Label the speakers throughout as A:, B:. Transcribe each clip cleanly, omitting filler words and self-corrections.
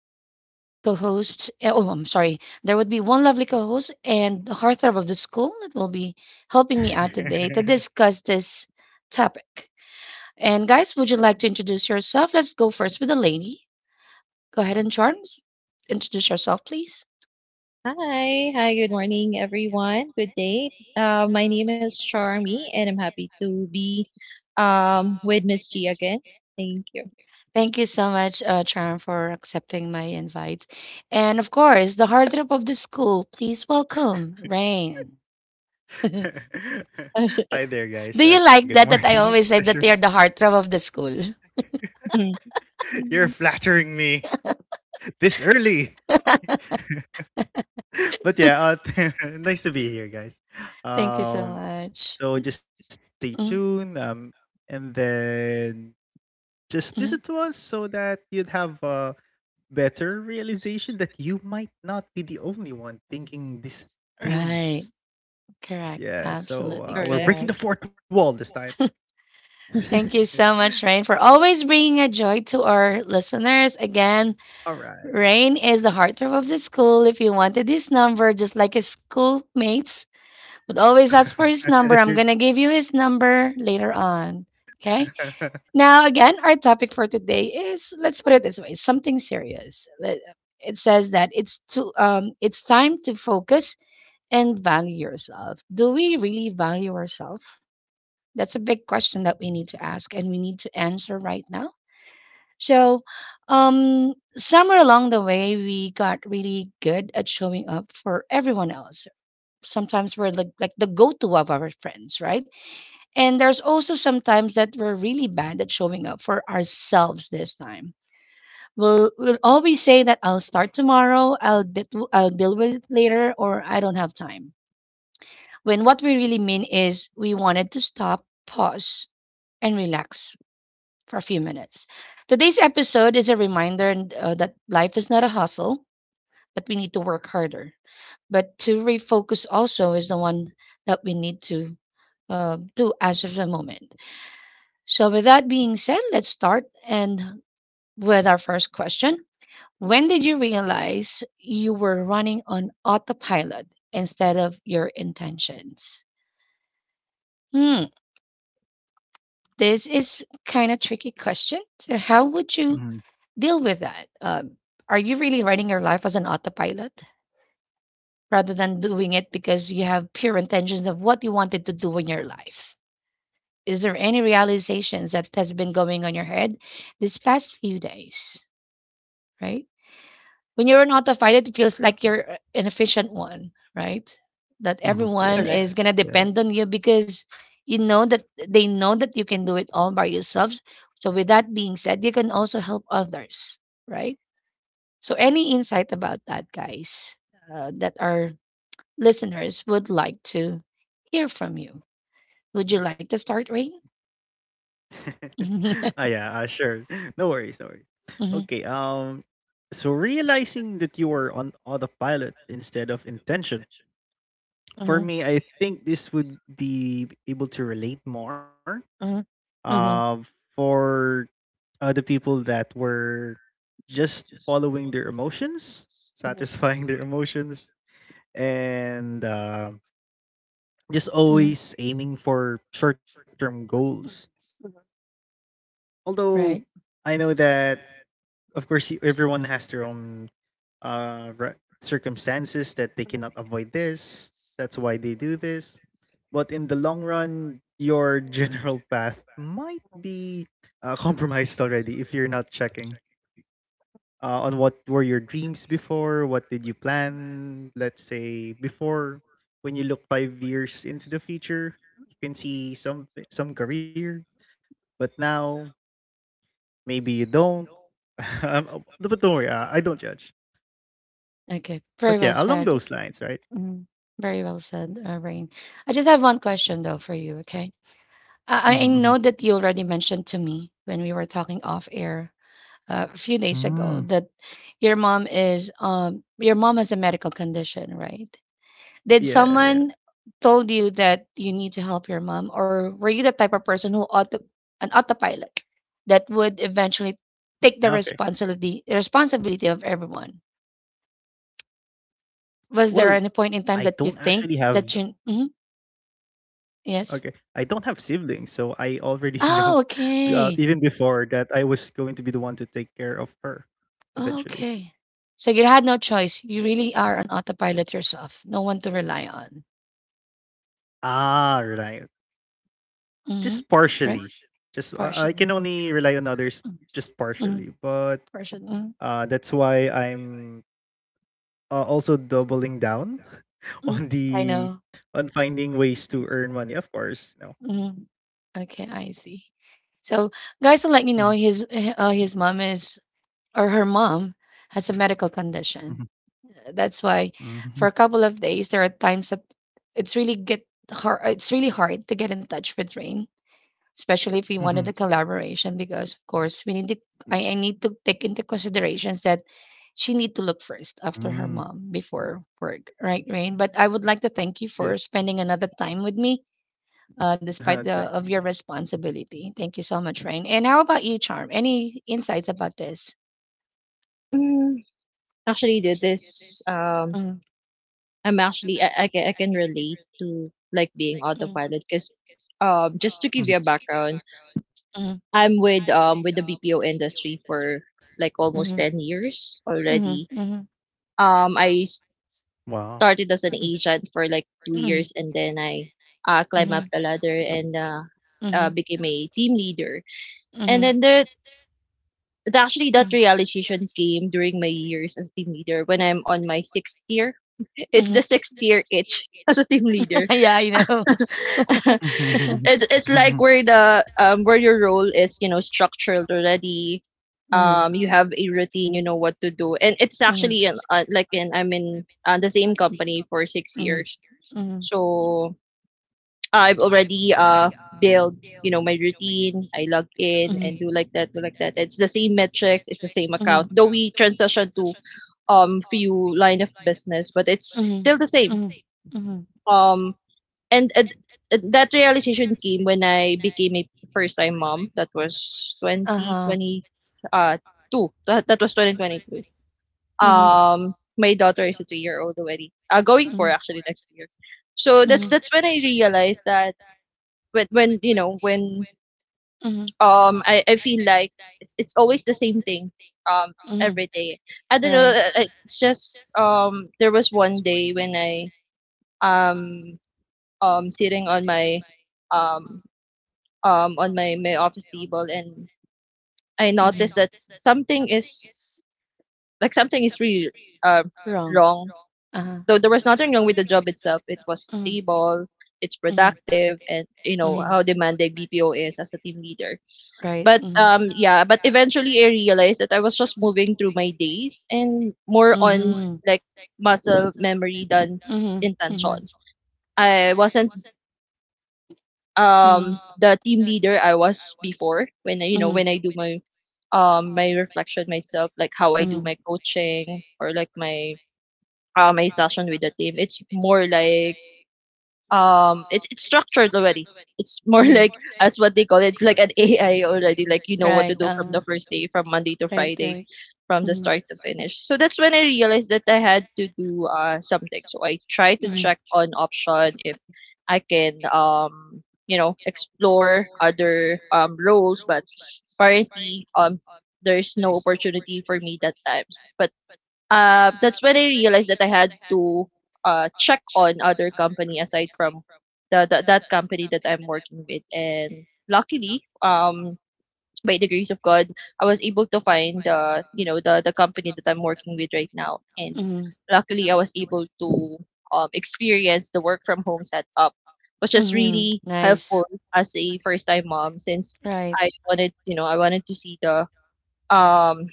A: be two lovely co hosts. Oh, I'm sorry. There would be one lovely co host and the heartthrob of the school that will be helping me out today to discuss this topic. And, guys, would you like to introduce yourself? Let's go first with the lady. Go ahead and, Charms, introduce yourself, please.
B: Hi, hi, good morning, everyone. Good day. My name is Charmy, and I'm happy to be with Miss G again. Thank you.
A: Thank you so much, Charm, for accepting my invite. And of course, the heartthrob of the school, please welcome Rain. Do
C: Hi there, guys.
A: you like
C: Good
A: that? That I
C: morning.
A: always say that
C: Pleasure-
A: they are the heartthrob of the school.
C: You're
B: Mm,
C: flattering me this early. But yeah, nice to be here, guys.
A: Thank you so
C: Um,
A: much.
C: so just stay
A: Mm,
C: tuned. And then just
A: mm.
C: listen to us so that you'd have a better realization that you might not be the only one thinking these
A: Right.
C: things.
A: Correct.
C: Yeah. So
A: Absolutely
B: correct,
C: we're
A: correct.
C: breaking the fourth wall this time.
A: Thank you so much, Rain, for always bringing a joy to our listeners. Again,
C: All right.
A: Rain is the heartthrob of the school. If you wanted this number, just like his schoolmates, but always ask for his number. I'm
C: You're
A: going to give you his number later on. Okay. Now, again, our topic for today is, let's put it this way, something serious. It says that it's time to focus and value yourself. Do we really value ourselves? That's a big question that we need to ask and we need to answer right now. So, Somewhere along the way, we got really good at showing up for everyone else. Sometimes we're like the go to of our friends, right? And there's also sometimes that we're really bad at showing up for ourselves this time. We'll always say that I'll start tomorrow, I'll deal with it later, or I don't have time. When what we really mean is we wanted to stop, pause, and relax for a few minutes. Today's episode is a reminder that life is not a hustle, but we need to work harder. But to refocus also is the one that we need to do as of the moment. So, with that being said, let's start and with our first question. When did you realize you were running on autopilot instead of your intentions? Hmm, this is kind of tricky question. So, how would you
C: Mhm,
A: deal with that? Are you really running your life as an autopilot rather than doing it because you have pure intentions of what you wanted to do in your life? Is there any realizations that has been going on your head this past few days? Right? When you're notified, it feels like you're an efficient one, right? That
C: mhm.
A: everyone
B: correct.
A: is
C: Yes,
A: gonna
C: yes.
A: depend on you because you know that they know that you can do it all by yourselves. So with that being said, you can also help others, right? So any insight about that, guys, that our listeners would like to hear from you. Would you like to start, Ray?
C: Ah, yeah, sure. No worries, no worries.
A: Mhm,
C: Okay, so realizing that you were on autopilot instead of intention.
A: mhm,
C: For
A: mhm,
C: me, I think this would be able to relate more.
A: mhm,
C: Uh,
A: mhm,
C: for other people that were just following their emotions,
A: mhm,
C: satisfying their emotions, and just
A: mhm.
C: always aiming for short-term goals. Although
A: Right.
C: I know that, of course, everyone has their own circumstances that they cannot avoid this. That's why they do this. But in the long run, your general path might be compromised already if you're not checking on what were your dreams before, what did you plan, let's say, before when you look 5 years into the future, you can see some career, but now maybe you don't. Oh, but don't worry, I don't judge,
A: Okay. Very
C: but
A: well
C: yeah,
A: Yeah.
C: along
A: said.
C: those lines, right?
A: Mhm. Very well said, Rain. I just have one question though for you, okay? I know
C: Mm-hmm,
A: that you already mentioned to me when we were talking off air a few days ago
C: mm-hmm.
A: that your mom has a medical condition, right? Did
C: Yeah, yeah.
A: someone told you that you need to help your mom, or were you the type of person who auto an autopilot that would eventually
C: Okay,
A: take the responsibility of everyone?
C: well
A: Was there any
C: i
A: point
C: don't
A: in time
C: actually
A: that you
C: have
A: think that you mhm,
C: okay i
A: yes?
C: don't have siblings, so I already know,
A: Oh,
C: even
A: okay.
C: before that, I was going to be the one to take care of her eventually.
A: Okay. So you had no choice. You really are on autopilot yourself. No one to rely on.
C: Ah, rely
A: Mhm.
C: just
A: Right?
C: partially. Just I
A: Partially.
C: can only rely on others
A: Mm.
C: just
A: Mm.
C: partially, but
A: Partially. Mm.
C: that's why I'm also doubling down
A: Mm.
C: on
A: I
C: the
A: know.
C: on finding ways to earn money. Of course, no.
A: Mm. Okay, I see. So, guys, to
C: Mhm,
A: let you know, his his mom is, or her mom has a medical
C: mhm,
A: condition. That's why
C: mhm,
A: for a couple of days there are times that it's really hard to get in touch with Rain, especially if we
C: mhm,
A: wanted a collaboration because of course we need to
C: mm,
A: I need to take into considerations that she need to look first after her
C: mm,
A: mom before work, right, Rain? But I would like to thank you for
C: yes.
A: spending another time with me, despite the of
C: Thanks.
A: your
C: Of course.
A: responsibility. Thank you so much, Rain. And how about you, Charm? Any insights about this?
B: Mm, Actually, did this.
A: Mm-hmm.
B: I'm actually I can I can relate to like being autopilot because,
A: Mm-hmm.
B: just to give you
C: Mhm.
B: a background, I'm with the BPO industry for like almost
A: Mm-hmm.
B: 10 years already.
A: Mm-hmm. Mm-hmm.
B: I
C: Wow.
B: started as an agent for like 2
A: Mhm.
B: years and then I climbed
A: Mhm.
B: up the ladder and,
A: Mhm.
B: became a team leader. And
A: Mhm.
B: then actually that
A: Mhm.
B: realization came during my years as team leader when I'm on my 6th year. It's
A: Mhm.
B: the 6th year itch as a team leader.
A: Yeah, I know.
B: It's like where the where your role is, you know, structured already.
A: Mhm.
B: You have a routine, you know what to do, and it's
A: Mhm.
B: actually in like in I'm in the same company for six
A: Mhm.
B: years
A: Mhm.
B: so I've already built, you know, my routine. I log in
A: Mhm.
B: and do like that, do like that. It's the same metrics, it's the same
A: Mhm.
B: account. Though we transition to few line of business, but it's
A: Mhm.
B: still the same.
A: Mhm. Mhm.
B: Um and, and and that realization came when I became a first time mom. That was
A: Uh-huh.
B: uh 2022.
A: Mhm.
B: Um my daughter is a 2 year old already. Uh, going for
A: Mhm.
B: actually next year. So that's
A: Mhm.
B: that's when I realized that when you know when
A: Mhm.
B: I feel like it's always the same thing um
A: Mhm.
B: every day. I don't know.
A: Right.
B: It's just there was one day when I um sitting um on my my office table, and I
A: Mm-hmm.
B: noticed that something is, like, something is really uh,
A: Wrong.
B: wrong.
A: Uh-huh.
B: Though there was nothing wrong with the job itself. It was
A: Mm-hmm.
B: stable. It's
A: Mm-hmm.
B: productive, and you know
A: Mm-hmm.
B: how demanding BPO is as a team leader.
A: Right.
B: But
A: Mm-hmm.
B: Yeah, but eventually I realized that I was just moving through my days, and more on
A: Mm-hmm.
B: like muscle memory than
A: Mhm. Mhm.
B: intention. I wasn't
A: Mhm.
B: the team leader I was before when I, you know,
A: Mhm.
B: when I do my my reflection myself, like how I do
A: Mhm.
B: my coaching or like my my session with the team. It's more like, um, it's structured already. It's more
A: Mhm.
B: like, that's what they call it, it's like an AI already, like you know what
A: Right.
B: to do from the first day, from Monday to
A: Right.
B: Friday,
A: Right.
B: from the
A: Mhm.
B: start to finish. So that's when I realized that I had to do something, so I tried to
A: Mhm.
B: check on option if I can, you know, explore other roles, but apparently, there's no opportunity for me that time. But That's when I realized that I had to check on other company aside from the that company that I'm working with. And luckily, by the grace of God, I was able to find the, you know, the company that I'm working with right now. And
A: Mhm.
B: luckily, I was able to experience the work from home setup, which was
A: Mhm.
B: really
A: Nice.
B: helpful as a first time mom, since
A: Right.
B: I wanted, you know, I wanted to see the um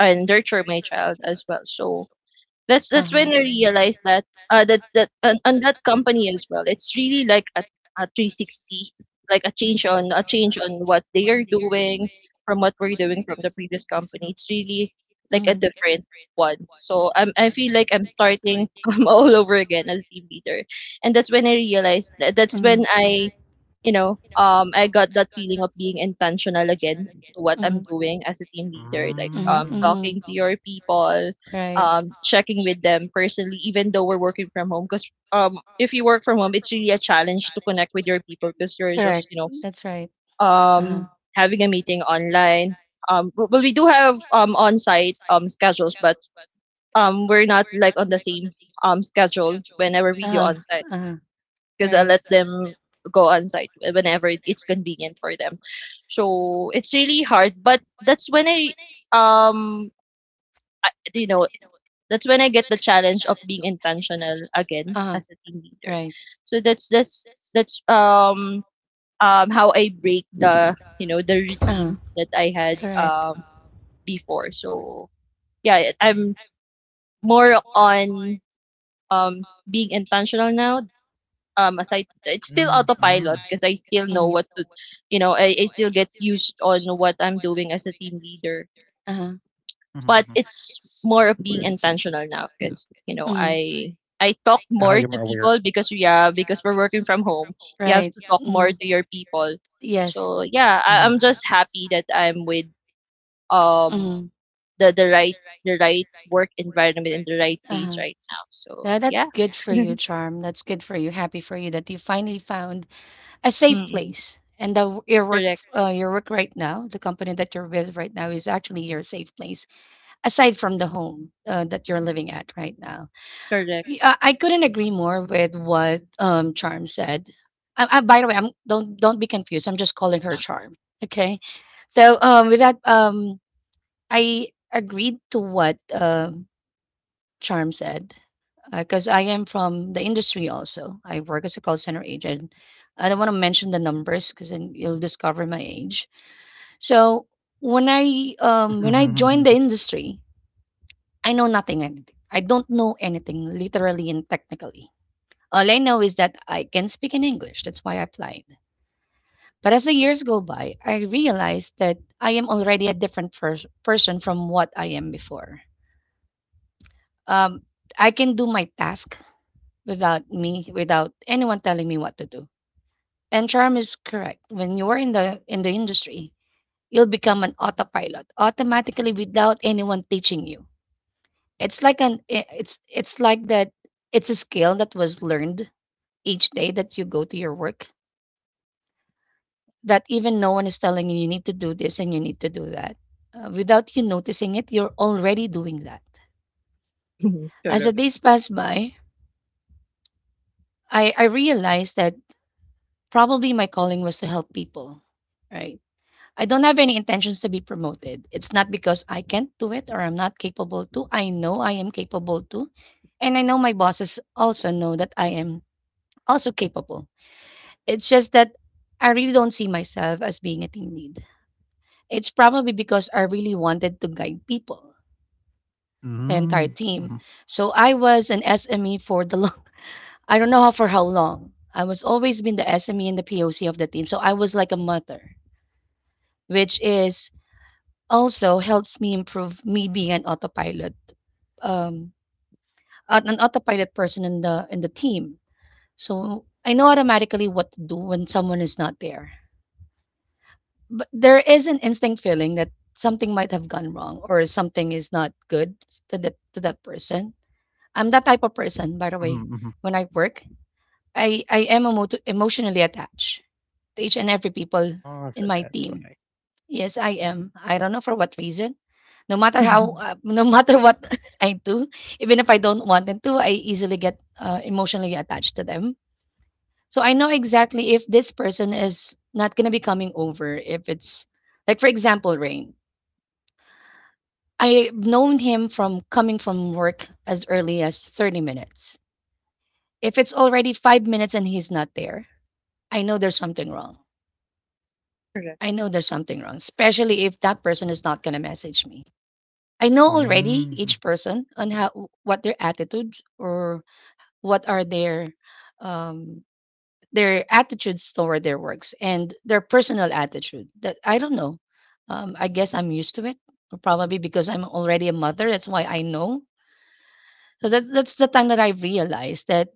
B: and nurture my child as well. So that's
A: Uh
B: that's when
A: huh.
B: I realized that that's that on that company as well. It's really like a 360, like a change on what they are doing from what we're doing from the previous company. It's really like a
A: Mhm. Mhm.
B: different one. So I feel like I'm starting all over again as team leader, and that's when I realized that that's when I you know, I got that feeling of being intentional again to what
A: Mhm.
B: I'm doing as a team leader, like,
A: Mhm.
C: Mm,
A: Mhm.
B: talking to your people,
A: Right.
B: checking with them personally, even though we're working from home. Because if you work from home, it's really a challenge to connect with your people because you're
A: Correct.
B: just, you
A: That's
B: know,
A: right. Uh huh.
B: um, having a meeting online. But we do have on-site schedules, but we're not like on the same schedule whenever we do on-site because I
A: Right.
B: let them go on site whenever it's convenient for them. So it's really hard, but that's when I, um I, you know that's when I get the challenge of being intentional again as a team
A: About
B: leader.
A: right.
B: So that's how I break the, you know, the routine that I had
A: Correct.
B: before. So yeah, I'm more on being intentional now, aside it's still
C: mm, mm,
B: autopilot because
A: Not
B: I still know
A: to.
B: what to, you know, I still get used on what I'm doing as a team leader.
A: Uh-huh.
C: mhm,
B: But
C: mhm.
B: it's more of being
A: Being
B: intentional now because, you know, I talk
C: Ah,
B: more
C: you're
B: to
C: more
B: people
C: aware.
B: because yeah, because we're working from home. You have
A: right.
B: to talk more to your people. So
A: People.
B: yeah,
C: Mhm,
B: I'm just happy that I'm with um the right, the right work environment in the right place right now. So
A: Yeah.
B: yeah.
A: Yeah for you, Charm. That's good for you. Happy for you that you finally found a safe
B: Mm-mm.
A: place and the your work,
B: Correct.
A: your work right now, the company that you're with right now is actually your safe place aside from the home that you're living at right now.
B: Correct.
A: I couldn't agree more with what Charm said. By the way, I'm don't be confused, I'm just calling her Charm, okay? So with that, I agreed to what Charm said because I am from the industry also. I work as a call center agent. I don't want to mention the numbers because then you'll discover my age. So when I
C: mhm, mhm,
A: joined the
C: mhm,
A: industry, I know nothing. I don't know anything literally and technically. All I know is that I can speak in English. That's why I applied. But as the years go by, I realized that I am already a different person from what I am before. Um, I can do my task without anyone telling me what to do. And Charm is correct. When you're in the industry, you'll become an autopilot automatically without anyone teaching you. It's like an I- it's like that. It's a skill that was learned each day that you go to your work, that even no one is telling you you need to do this and you need to do that. Without you noticing it, you're already doing that. As the
B: correct.
A: days pass by, I realized that probably my calling was to help people, right? I don't have any intentions to be promoted. It's not because I can't do it or I'm not capable to. I know I am capable to. And I know my bosses also know that I am also capable. It's just that I really don't see myself as being a team lead. It's probably because I really wanted to guide people, the entire
C: mhm,
A: team.
C: mhm.
A: So I was an SME for the long, I don't know how for how long. I was always been the SME and the POC of the team. So I was like a mother, which is also helps me improve me being an autopilot, um, an autopilot person in the team. So I know automatically what to do when someone is not there. But there is an instinct feeling that something might have gone wrong or something is not good to that person. I'm that type of person, by the way.
C: Mhm, mhm.
A: When I work, I am emotionally attached to each and every people
C: Ah,
A: in
C: so
A: my
C: that's
A: team.
C: why.
A: Yes, I am. I don't know for what reason. No matter how, no matter what I do, even if I don't want them to, I easily get emotionally attached to them. So I know exactly if this person is not going to be coming over. If it's like, for example, Rain, I've known him from coming from work as early as 30 minutes. If it's already 5 minutes and he's not there, I know there's something wrong.
B: correct.
A: I know there's something wrong, especially if that person is not going to message me. I know already
C: Hmm.
A: each
C: Mhm.
A: person on how what their attitudes or what are um their attitudes toward their works and their personal attitude that I don't know. I guess I'm used to it probably because I'm already a mother. That's why I know. So that's the time that I realized that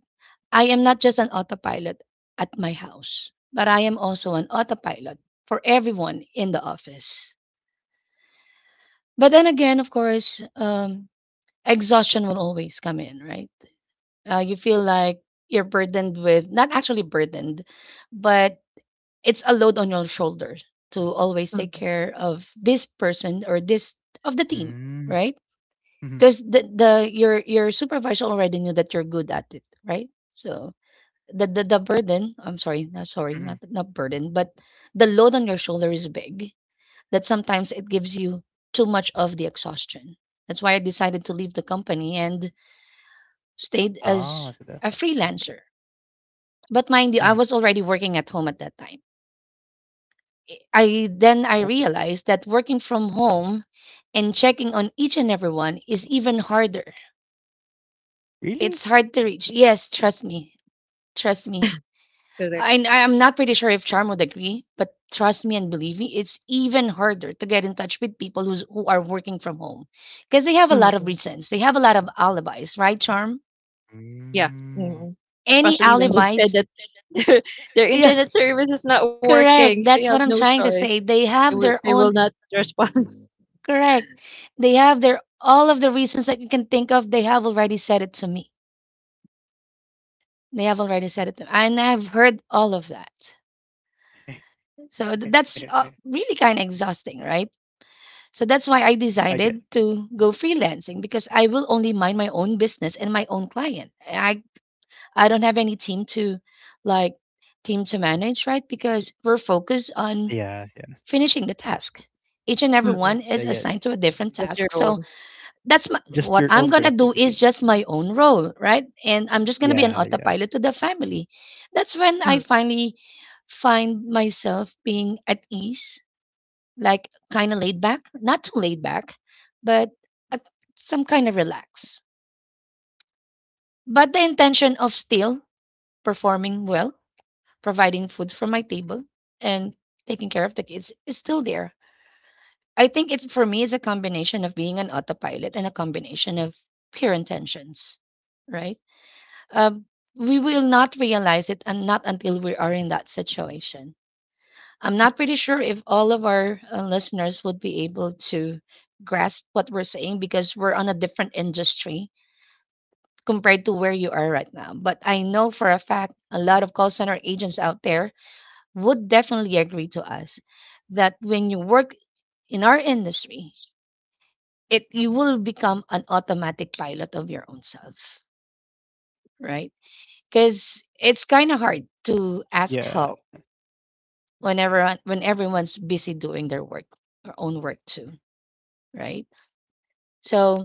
A: I am not just an autopilot at my house, but I am also an autopilot for everyone in the office. But then again, of course, exhaustion will always come in, right? You feel like you're burdened with, not actually burdened, but it's a load on your shoulders to always take
B: Mhm,
A: care of this person or this, of the team,
C: Mm.
A: right?
C: Mhm,
A: Because the your supervisor already knew that you're good at it, right? So the burden, I'm sorry, not sorry, not
C: mhm.
A: not burden, but the load on your shoulder is big, that sometimes it gives you too much of the exhaustion. That's why I decided to leave the company and stayed
C: Ah, so
A: as
C: that's why.
A: a freelancer. But mind
C: Mhm.
A: you, I was already working at home at that time. I Then
C: Okay.
A: I realized that working from home and checking on each and everyone is even harder. It's
C: Really?
A: hard to reach. Yes, trust me. Trust me.
B: correct.
A: I'm not pretty sure if Charm would agree, but trust me and believe me, it's even harder to get in touch with people who are working from home, because they have a lot of
B: Mm,
A: reasons. They have a lot of alibis, right, Charm?
B: yeah, mhm.
C: Mm.
A: Any
B: Especially when they said
A: alibis?
B: that their their
A: Yeah.
B: internet service is not working,
A: Correct.
B: so you have
A: That's what
B: no
A: I'm trying to
B: choice.
A: say. They have their
B: They will
A: own.
B: not respond.
A: Correct. They have their, all of the reasons that you can think of. They have already said it to me. They have already said it to me, and I've heard all of that. So th- that's uh, really kind of exhausting, right? So that's why I
C: I get.
A: decided to go freelancing, because I will only mind my own business and my own client. I don't have any team to, like, team to manage, right? Because we're focused on
C: Yeah, yeah.
A: finishing the task. Each and every
B: Mm,
A: one
C: Yeah,
A: is
C: yeah.
A: assigned to a different
B: just your
A: task.
B: own.
A: So that's my,
C: Just
A: what
C: your
A: I'm
C: own
A: gonna do is
C: productivity.
A: just my own role, right? And I'm just gonna be an
C: Yeah,
A: autopilot to
C: yeah,
A: the family. That's when I
B: Mm,
A: finally find myself being at ease, like kind of laid back, not too laid back, but uh, some kind of relax. But the intention of still performing well, providing food for my table, and taking care of the kids is still there. I think it's, for me, it's a combination of being an autopilot and a combination of pure intentions, right? Um, we will not realize it, and not until we are in that situation. I'm not pretty sure if all of our listeners would be able to grasp what we're saying, because we're on a different industry compared to where you are right now. But I know for a fact a lot of call center agents out there would definitely agree to us that when you work in our industry, it, you will become an automatic pilot of your own self, right? Because it's kind of hard to ask help
C: yeah.
A: when everyone, when everyone's busy doing their work or own work too, right? So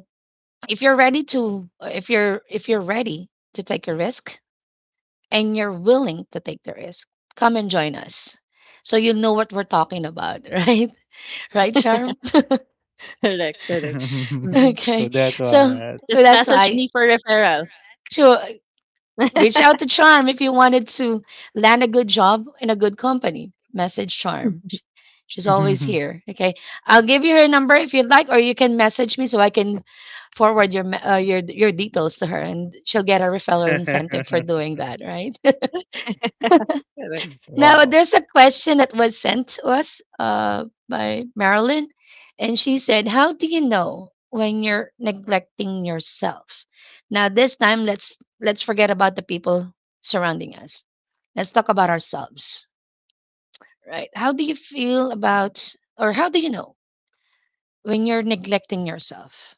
A: if you're ready to if you're ready to take a risk, and you're willing to take the risk, come and join us, so you'll know what we're talking about. Right? Right, Charm?
B: correct, correct. Mm.
A: Okay.
C: So that's
A: So
C: what.
B: Just
A: that's
B: message
A: why.
B: me for referrals.
A: Sure. Reach out to Charm if you wanted to land a good job in a good company. Message Charm. She's always
C: Mhm, mhm.
A: here. Okay. I'll give you her number if you'd like, or you can message me so I can forward your your details to her, and she'll get a referral incentive for doing that. Right?
B: Correct.
A: Now, there's
C: Wow.
A: a question that was sent to us by Marilyn, and she said, how do you know when you're neglecting yourself? Now, this time, let's forget about the people surrounding us. Let's talk about ourselves, right? How do you feel about, or how do you know when you're neglecting yourself?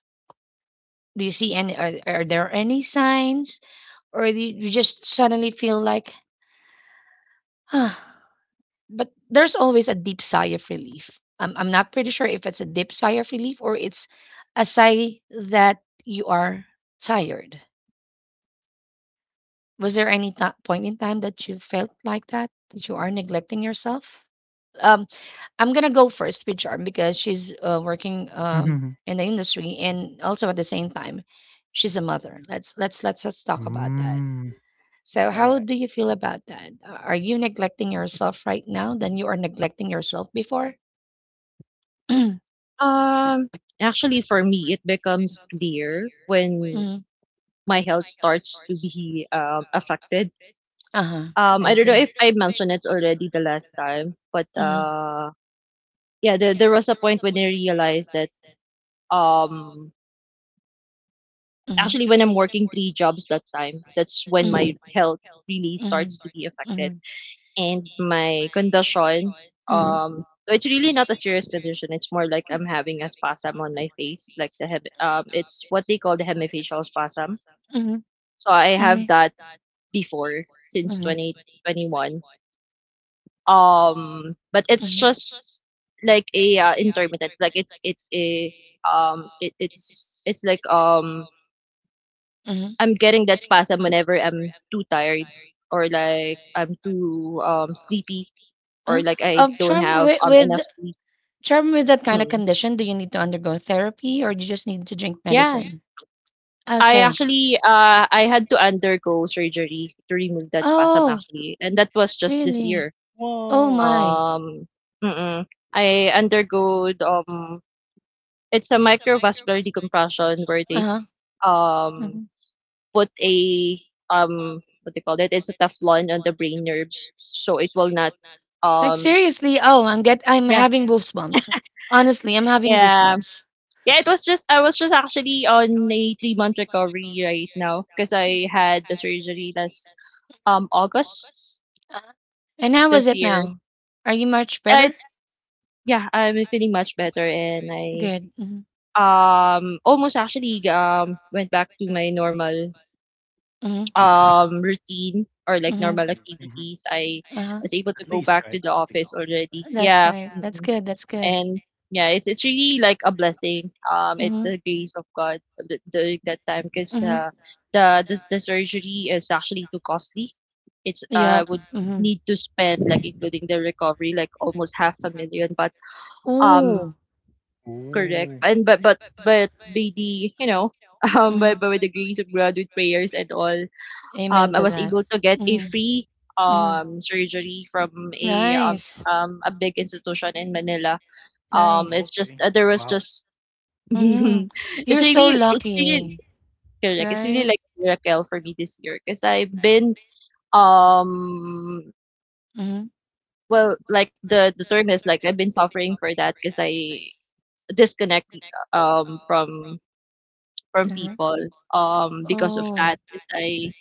A: Do you see any? Are there any signs, or do you just suddenly feel like, ah? But there's always a deep sigh of relief. I'm not pretty sure if it's a deep sigh of relief, or it's a sigh that you are tired. Was there any point in time that you felt like that, that you are neglecting yourself? Um, I'm going to go first with Charm, because she's working
C: Mhm, mhm.
A: in the industry, and also at the same time, she's a mother. Let's talk about that.
C: Mm.
A: So, how do
C: Alright.
A: you feel about that? Are you neglecting yourself right now than you are neglecting yourself before?
B: Um, Actually, for me, it becomes clear when
A: Mhm.
B: my health starts to be affected.
A: Uh-huh. I
B: I don't know if I mentioned it already the last time, but
A: Mhm.
B: yeah, there was a point when I realized that um actually
A: Mhm.
B: when I'm working three jobs that time, that's when
A: Mhm.
B: my
A: Campaign.
B: health really
A: Mhm.
B: starts to be affected,
A: Mhm.
B: and my condition,
A: Mhm.
B: it's really not a serious condition. It's more like I'm having a spasm on my face, like it's what they call the hemifacial spasm.
A: Mhm.
B: So I have
A: Mhm.
B: that before since
A: Mhm.
B: 2021. But
A: but
B: it's
A: Mhm.
B: just like a, intermittent, like it's it a it, it's like,
A: Mhm.
B: I'm getting that spasm whenever I'm too tired or like I'm too sleepy,
A: Uh,
B: or like I don't
A: Charm.
B: have enough
A: Far.
B: sleep.
A: Charm, with that kind of
B: Mm,
A: condition, do you need to undergo therapy, or you just need to drink? Yeah.
B: yeah,
A: I.
B: I
A: Okay.
B: actually, I had to undergo surgery to remove that spasm,
A: It's.
B: actually, and that was just this year.
C: Wow.
B: um mm-mm. I undergo, it's a microvascular decompression where they
A: Uh, that.
B: um
A: Mhm.
B: put a what do you call it? It's a Teflon on the brain nerves, so it will not
A: Like,
B: um
A: seriously, oh, I'm
B: yeah.
A: having goosebumps. Honestly, I'm having
B: Yeah.
A: goosebumps.
B: Yeah, it was just I was just actually on a 3 month recovery right now because I had the surgery last August
A: And how is
B: this
A: it
B: year.
A: now? Are you much better?
B: It's Yeah, I'm feeling much better, and I
A: Good. Mhm.
B: almost actually went back to my normal
A: Mhm.
B: routine, or like
A: Mhm.
B: normal
C: Mhm, mhm.
B: activities. I
A: Uh-huh.
B: was able to
C: At
B: go
C: least,
B: back to
C: right?
B: the
C: At least.
B: office already.
A: That's
B: Yeah.
A: right. That's
B: Mm-mm.
A: good. That's good.
B: And yeah, it's really like a blessing. It's
A: Mhm.
B: a grace of God during that time, because
A: Mhm.
B: the this the surgery is actually too costly. It's
A: Yeah.
B: would
A: Mhm.
B: need to spend, like including the recovery, like almost half a million. But um
A: Ooh.
B: Correct.
C: Ooh.
B: And but but but by the, you know, um by,
A: Mhm.
B: by the grace of God, with prayers and all,
A: Amen
B: I
A: to
B: was
A: that.
B: able to get a
A: Mhm.
B: free
A: Mhm.
B: surgery from a,
A: Nice.
B: a big institution in Manila.
A: Nice.
B: It's just,
C: Okay.
B: there was
C: Wow.
B: just
A: Mhm.
B: it's
A: You're so
B: really it's really
A: lucky,
B: correct. It's really
A: right?
B: like a miracle for me this year because I've been, um
A: Mhm,
B: well, like the term is, like, I've been suffering for that because I disconnect um from from
A: uh-huh.
B: people, because of
A: Oh.
B: that, because I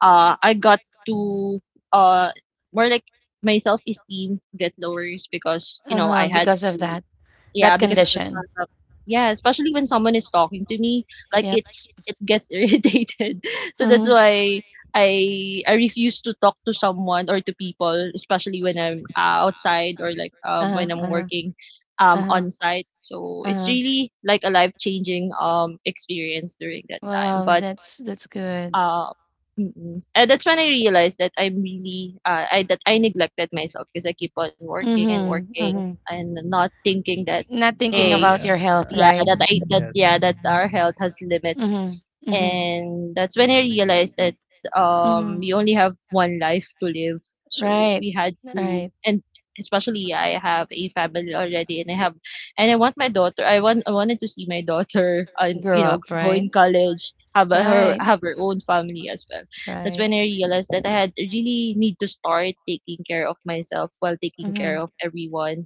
B: uh I got to uh more like my self esteem get lowers because, you know,
A: Uh-huh,
B: I had
A: because of
B: to,
A: that
B: yeah,
A: that
B: because of the
A: condition.
B: sound of, yeah, especially when someone is talking to me, like
A: Yep.
B: it's it gets irritated. So that's
A: Mhm.
B: why I refuse to talk to someone, or to people, especially when I'm, outside, or like
A: Uh-huh,
B: when I'm
A: uh-huh,
B: working
A: uh-huh,
B: on site. So it's
A: uh-huh.
B: really like a life changing experience during that time.
A: Wow,
B: But
A: that's good.
B: uh, mm-mm. And that's when I realized that I'm really, I that I neglected myself because I keep on working and
A: Mhm,
B: working,
A: mhm.
B: and not thinking that,
A: Not thinking
C: Ah,
B: hey,
A: about
C: yeah,
A: your health,
C: yeah,
A: right?
C: yes.
B: yeah, that our health has limits.
A: Mhm, mhm,
B: And that's when I realized that
A: mhm.
B: you only have one life to live. So
A: Right,
B: we had to,
A: right.
B: and especially I have a family already, and I have and I want my daughter. I wanted to see my daughter, and, you
A: Grow
B: know,
A: up,
B: go
A: right?
B: in college, have a, her
A: Right,
B: have her own family as well. That's
A: right.
B: when I realized that I had really need to start taking care of myself while taking care
A: Mhm.
B: of everyone.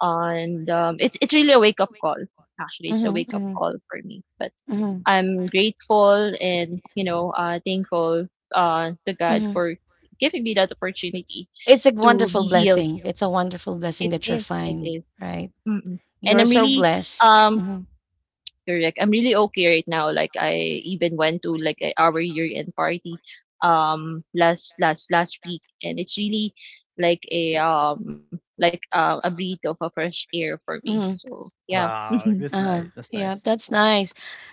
B: And It's really a wake up call. Actually, it's a
A: Mhm,
B: wake up
A: mhm,
B: call for me. But
A: mhm,
B: I'm grateful and thankful to God
A: mhm.
B: for giving me that opportunity
A: It's a
B: to
A: wonderful
B: be healed.
A: blessing. It's a wonderful
B: It
A: blessing that you're
B: is. It
A: fine,
B: is.
A: right?
B: Mm-mm. And
A: You're
B: I'm
A: so
B: really
A: blessed.
B: um
A: Mhm.
B: Correct. I'm really okay right now. Like I even went to our year end party last week and it's really like a breath of a fresh air for me.
A: Hmm.
B: So yeah.
C: Wow, like, that's
A: Uh-huh.
C: nice, that's
A: Yeah,
C: nice.
A: that's nice.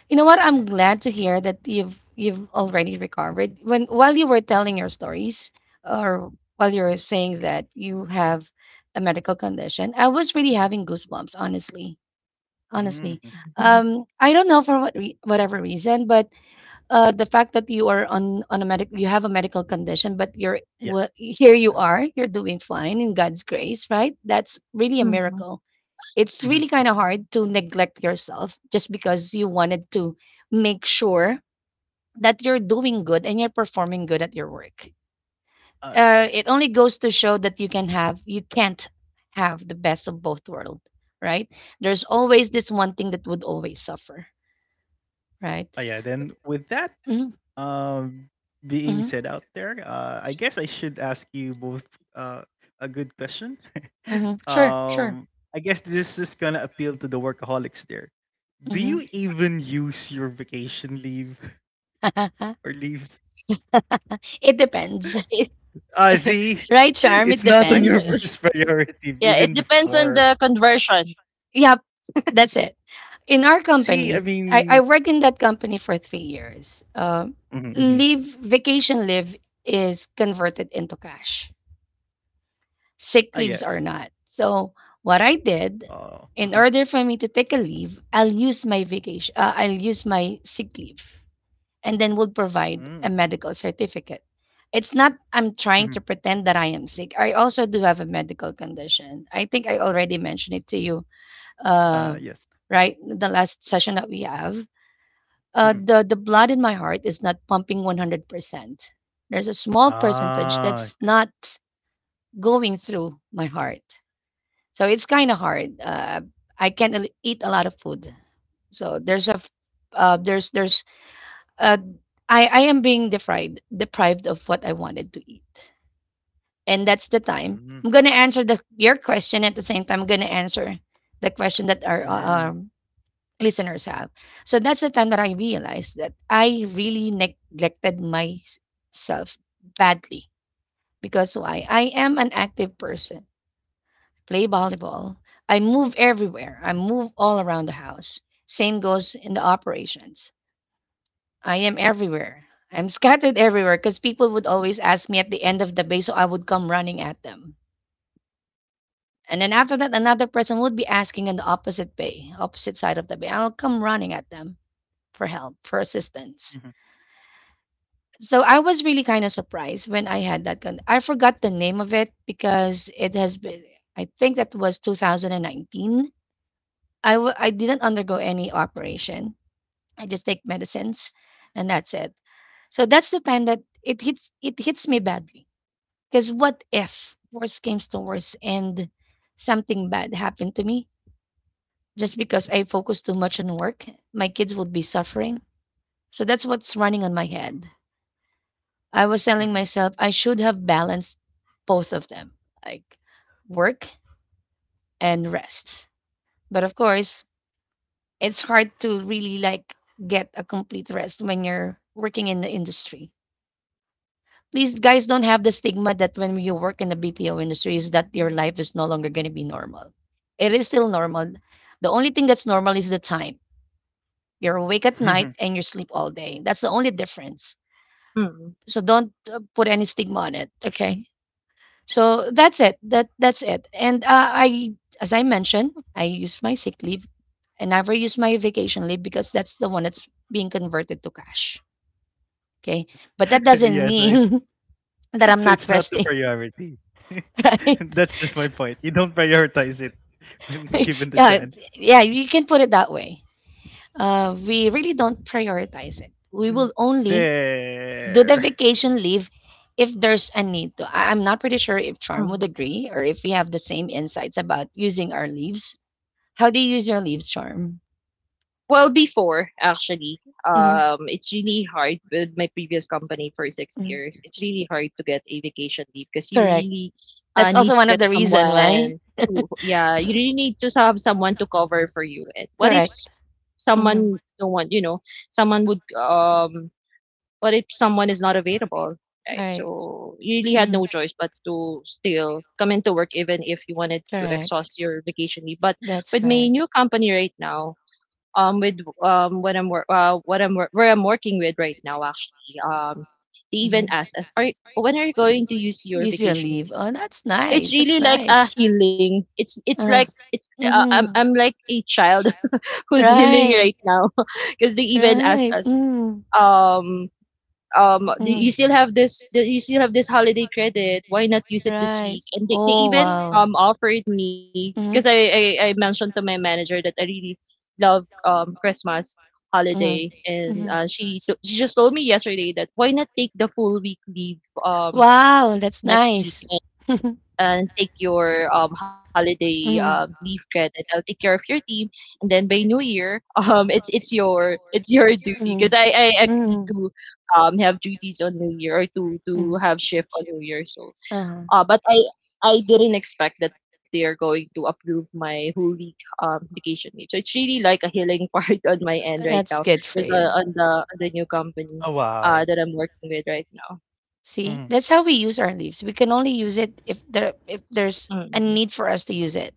A: You know what? I'm
C: Eh.
A: glad to hear that you've already recovered. When, while you were telling your stories, or while you were saying that you have a medical condition, I was really having goosebumps, honestly. Honestly.
C: Mhm.
A: I don't know for what re whatever reason, but the fact that you are on, you have a medical condition, but
C: Yes,
A: here.
C: do
A: You
C: that.
A: are. You're doing fine in God's grace, right? That's really a
B: Mhm.
A: miracle. It's really
C: Mhm.
A: kind of hard to neglect yourself just because you wanted to make sure that you're doing good and you're performing good at your work.
C: Okay.
A: It only goes to show that you can have, you can't have the best of both worlds, right? There's always this one thing that would always suffer,
C: Oh,
A: right?
C: yeah, then with that,
A: Mm-hmm,
C: um, being
A: mm-hmm,
C: said out there, I guess I should ask you both uh, a good question.
A: mm-hmm. Sure, sure.
C: Um, I guess this is gonna appeal to the workaholics there. Do
A: Mm-hmm.
C: you even use your vacation leave
A: Uh-huh.
C: or leaves?
A: It depends.
B: It's
C: Ah, see?
A: Right, Charm? It
C: It's not on your
A: depends.
C: first priority
B: yeah, it
C: even
B: depends on
C: before.
B: the conversion.
A: Yep, that's it. In our
C: See, I
A: company, I,
C: mean.
A: I worked in that company for 3 years.
C: Mhm, mhm.
A: Leave, vacation leave is converted into cash,
C: Ah, yes.
A: sick leaves are not. So, what I
C: Oh. Uh-huh.
A: did, in order for me to take a leave, I'll use my sick leave, and then would
C: Mm.
A: provide a medical certificate. It's not I'm
C: Mhm.
A: trying to pretend that I am sick. I also do have a medical condition. I think I already mentioned it to you uh
C: Yes.
A: right, the last session that we have. Uh,
C: Mhm.
A: the blood in my heart is not pumping 100%. There's a small percentage
C: Ah.
A: that's
C: Eh.
A: not going through my heart. So it's kind of hard. Uh, I can't eat a lot of food. So there's a there's uh, I am being deprived of what I wanted to eat, and that's the time
C: Mhm.
A: I'm gonna answer the your question. At the same time, I'm gonna answer the question that our
C: Mhm,
A: listeners have. So that's the time that I realized that I really neglected myself badly, because why? I am an active person. Play volleyball. I move everywhere. I move all around the house. Same goes in the operations. I am everywhere. I'm scattered everywhere, because people would always ask me at the end of the bay, so I would come running at them. And then after that, another person would be asking on the opposite bay, opposite side of the bay. I'll come running at them for help, for assistance.
C: mhm,
A: So I was really kind of surprised when I had that gun. I forgot the name of it, because it has been, I think that was 2019. I didn't undergo any operation. I just take medicines, and that's it. So that's the time that it hits me badly. Because what if worst comes to worst, and something bad happened to me just because I focus too much on work? My kids would be suffering. So that's what's running on my head. I was
C: mhm.
A: telling
C: Mhm.
A: myself I should have balanced both of them, like work and rest. But of course, it's hard to really like get a complete rest when you're working in the industry. Please, guys, don't have the stigma that when you work in the BPO industry is that your life is no longer going to be normal. It is still normal. The only thing that's normal is the time. You're awake at night and you sleep all day. That's the only difference.
B: Mm.
A: So don't put any stigma on it. Okay. So that's it. That that's it. And I, as I mentioned, I use my sick leave and never use my vacation leave, because that's the one that's being converted to cash. Okay. But that doesn't
C: Yeah, so it's
A: mean that I'm
C: so
A: not
C: it's not the
A: resting,
C: priority.
A: right?
C: That's just my point. You don't prioritize it when given the
A: Yeah,
C: chance.
A: yeah, you can put it that way. We really don't prioritize it. We
C: Mm.
A: will only do the
C: There.
A: vacation leave if there's a need to. I'm not pretty sure if Charm would
B: Mm.
A: agree or if we have the same insights about using our leaves. How do you use your leaves, Charm?
B: Well, before actually,
A: hmm
B: it's really hard with my previous company for 6 years. It's really hard to get a vacation leave because you
A: Correct.
B: really
A: That's also
B: need
A: one
B: to
A: of the
B: get
A: reason why.
B: someone. Who, yeah, you really need to have someone to cover for you. And what if s-
A: Correct. Mhm.
B: someone don't want? You know, someone would. What if someone is not available?
A: All
B: Right.
A: right.
B: So you really had
A: Mhm.
B: no choice but to still come into work, even if you wanted to
A: Correct.
B: exhaust your vacation leave. But
A: That's
B: with my
A: right.
B: new company right now, with what I'm wor- where I'm working with right now actually they even
A: Mhm.
B: ask us are when are you going to use your
A: Your
B: vacation
A: leave.
B: leave,
A: Oh, that's
B: so it's
A: nice. That's
B: really like a
A: nice.
B: healing it's like
A: Uh,
B: it's I'm
A: mhm.
B: I'm like a child who's healing right
A: Right.
B: now. Because they even ask
A: Right.
B: us,
A: Mm.
B: um do
A: Mm.
B: you still have this, do you still have this holiday credit, why not use it this
A: Right.
B: week? And they
A: Oh,
B: even
A: wow.
B: offered me because
A: Mhm.
B: I mentioned to my manager that I really love Christmas holiday,
A: Mhm.
B: and
A: Mhm.
B: she just told me yesterday that why not take the full week leave
A: Wow, that's
B: next week
A: nice.
B: and take your holiday
A: Mhm. Mhm.
B: leave credit. I'll take care of your team, and then by New Year, it's it's your duty because I agreed
A: Mhm.
B: to have duties on New Year or to
A: Mhm.
B: have shift on New Year. So,
A: Uh-huh.
B: but I. I didn't expect that they are going to approve my whole week vacation leave. So it's really like a healing part on my end right now,
A: That's good for
B: because
A: you.
B: on the new company
C: Oh, wow.
B: that I'm working with right now,
A: See,
C: Mhm.
A: that's how we use our leaves. We can only use it if there's a
B: Mm.
A: need for us to use it.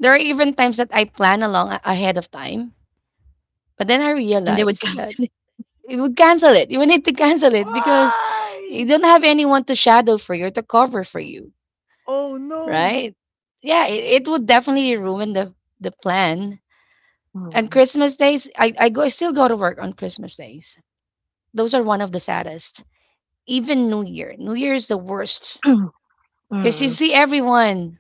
A: There are even times that I plan ahead of time, but then I
B: And they would
A: realize
B: cancel it.
A: that it would cancel it. You would need to cancel it because you
C: Why?
A: don't have anyone to shadow for you or to cover for you,
C: Oh no.
A: right? Yeah, it would definitely ruin the plan. And
B: Mm.
A: Christmas days, I still go to work on Christmas days. Those are one of the saddest. Even New Year. New Year is the worst. Because you
B: Mm.
A: see everyone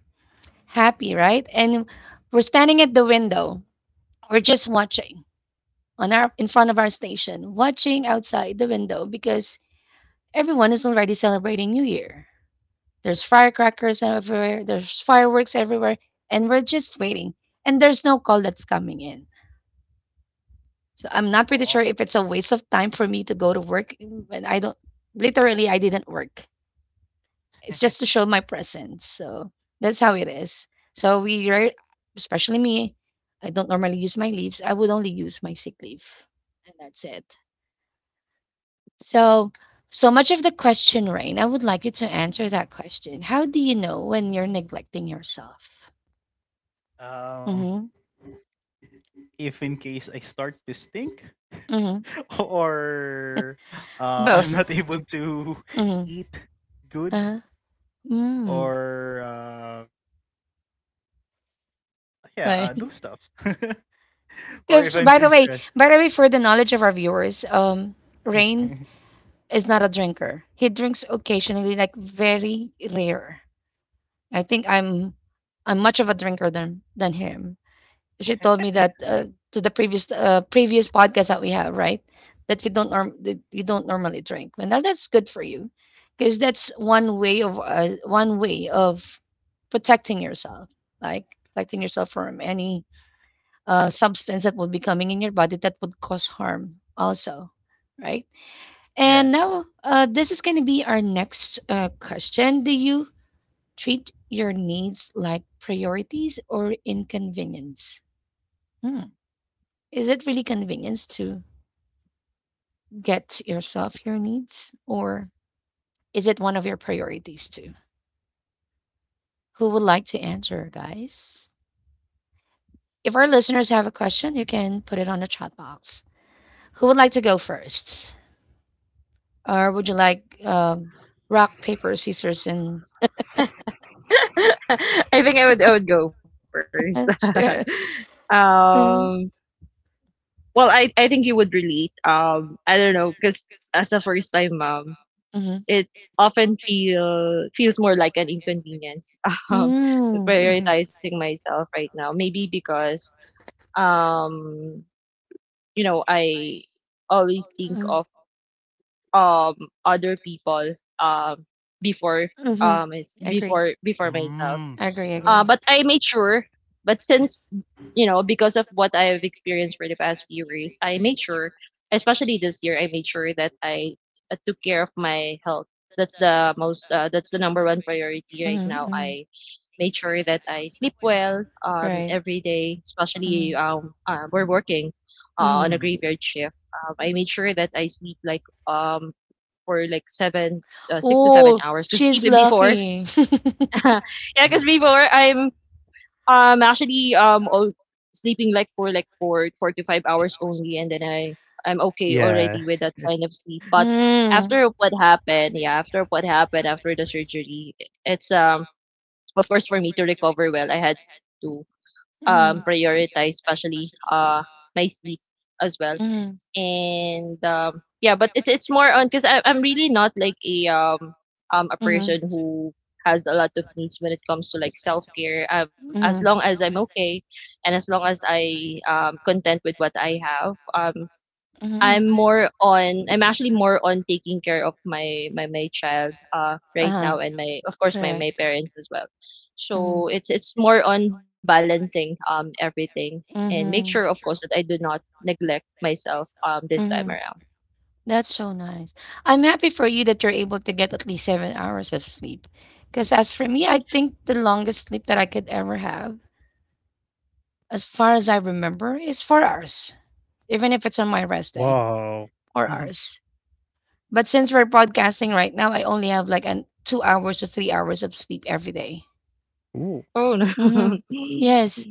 A: happy, right? And we're standing at the window. We're just watching on our in front of our station, watching outside the window because everyone is already celebrating New Year. There's firecrackers everywhere, there's fireworks everywhere, and we're just waiting. And there's no call that's coming in. So I'm not pretty sure
C: Oh.
A: if it's a waste of time for me to go to work when I don't literally I didn't work. It's just to show my presence. So that's how it is. So we rare especially me, I don't normally use my leaves. I would only use my sick leave. And that's it. So so much of the question, Rain. I would like you to answer that question. How do you know when you're neglecting yourself?
C: Um,
A: Mm-hmm.
C: if in case I start to stink.
A: Mm-hmm.
C: Or uh, I'm
A: Both.
C: not able to
A: Mm-hmm.
C: eat good,
A: Uh-huh. Mm.
C: or yeah, do
A: Right.
C: stuff. Or if I'm
A: By the
C: too
A: way,
C: stressed.
A: for the knowledge of our viewers, Rain is not a drinker. He drinks occasionally, like very rare. I think I'm much of a drinker than him. She told me that
C: Yes.
A: to the previous podcast that we have, right? That you don't norm that you don't normally drink. And that's good for you, because that's one way of protecting yourself, like protecting yourself from any substance that would be coming in your body that would cause harm, also, right? And
C: Yes.
A: now, this is going to be our next question. Do you treat your needs like priorities or inconvenience? Hmm. Is it really convenience to get yourself your needs, or is it one of your priorities too? Who would like to answer, guys? If our listeners have a question, you can put it on the chat box. Who would like to go first, or would you like rock paper scissors and?
B: I think I would go first.
A: mm
B: um, well, I think you would relate. I don't know, because as a first time mom, it often feel feels more like an inconvenience. Um,
A: Mm, mhm.
B: prioritizing myself right now, maybe because um, you know, I always think
A: Mm,
B: of um other people um before
A: mhm.
B: is
A: Agree.
B: before before myself.
C: Mm. So
A: Agree,
C: that's
A: agree.
C: why.
B: But I made sure. But since you know, because of what I have experienced for the past few years, I made sure, especially this year, I made sure that I took care of my health. That's the most, that's the number one priority
A: Mm-hmm,
B: right now.
A: mm-hmm.
B: I made sure that I sleep well
A: Right.
B: every day,
A: Mm-hmm,
B: especially we're working
A: mm-hmm.
B: on a
C: Mhm,
B: graveyard shift. I made sure that I sleep like for like six to seven
A: Oh,
B: hours because
A: she's
B: even before,
A: lucky.
B: yeah,
C: mhm.
B: because before I'm actually all sleeping like for 4 to 5 hours only, and then I'm okay already
C: Yeah.
B: with that kind of sleep. But
A: Mm,
B: after what happened, yeah, after what happened after the surgery, it's of course for me to recover well, I had to
A: mm-hmm,
B: prioritize especially my sleep as well. And yeah, but it's more on because I'm really not like a
A: mm-hmm,
B: person who has a lot of needs when it comes to like self-care. As long
A: um,
B: as I'm okay and as long as I content with what I have.
A: mm-hmm. Mm-hmm.
B: I'm
A: hmm care
B: more on, I'm actually more on taking care of my child right
A: Uh-huh.
B: now and my, of course, my
A: Correct.
B: my parents as well.
A: Mm-hmm.
B: So it's more on balancing everything and make sure, of
A: Mm-hmm.
B: course, that I do not neglect myself this
A: Mm-hmm.
B: time
A: around.
B: around.
A: That's so nice. I'm happy for you that you're able to get at least 7 hours of sleep. Because as for me, I think the longest sleep that I could ever have, as far as I remember, is 4 hours, even if it's on my rest day,
C: Wow.
A: or
C: Mhm.
A: hours. But since we're podcasting right now, I only have like an 2 hours or 3 hours of sleep every day.
C: Ooh.
B: Oh
A: Mm-hmm.
B: no.
A: Yes,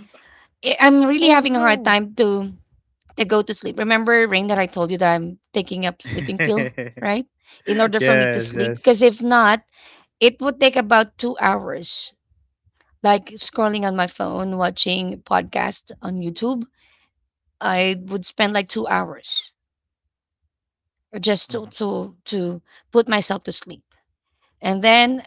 A: I'm really
C: Oh
A: having a hard
C: no.
A: time to go to sleep. Remember, Rain, that I told you that I'm taking up sleeping pill, right? In order for me to
C: Yes.
A: sleep, because
C: Yes.
A: if not, it would take about 2 hours like scrolling on my phone watching podcast on YouTube. I would spend like 2 hours just
C: Mhm,
A: to put myself to sleep, and then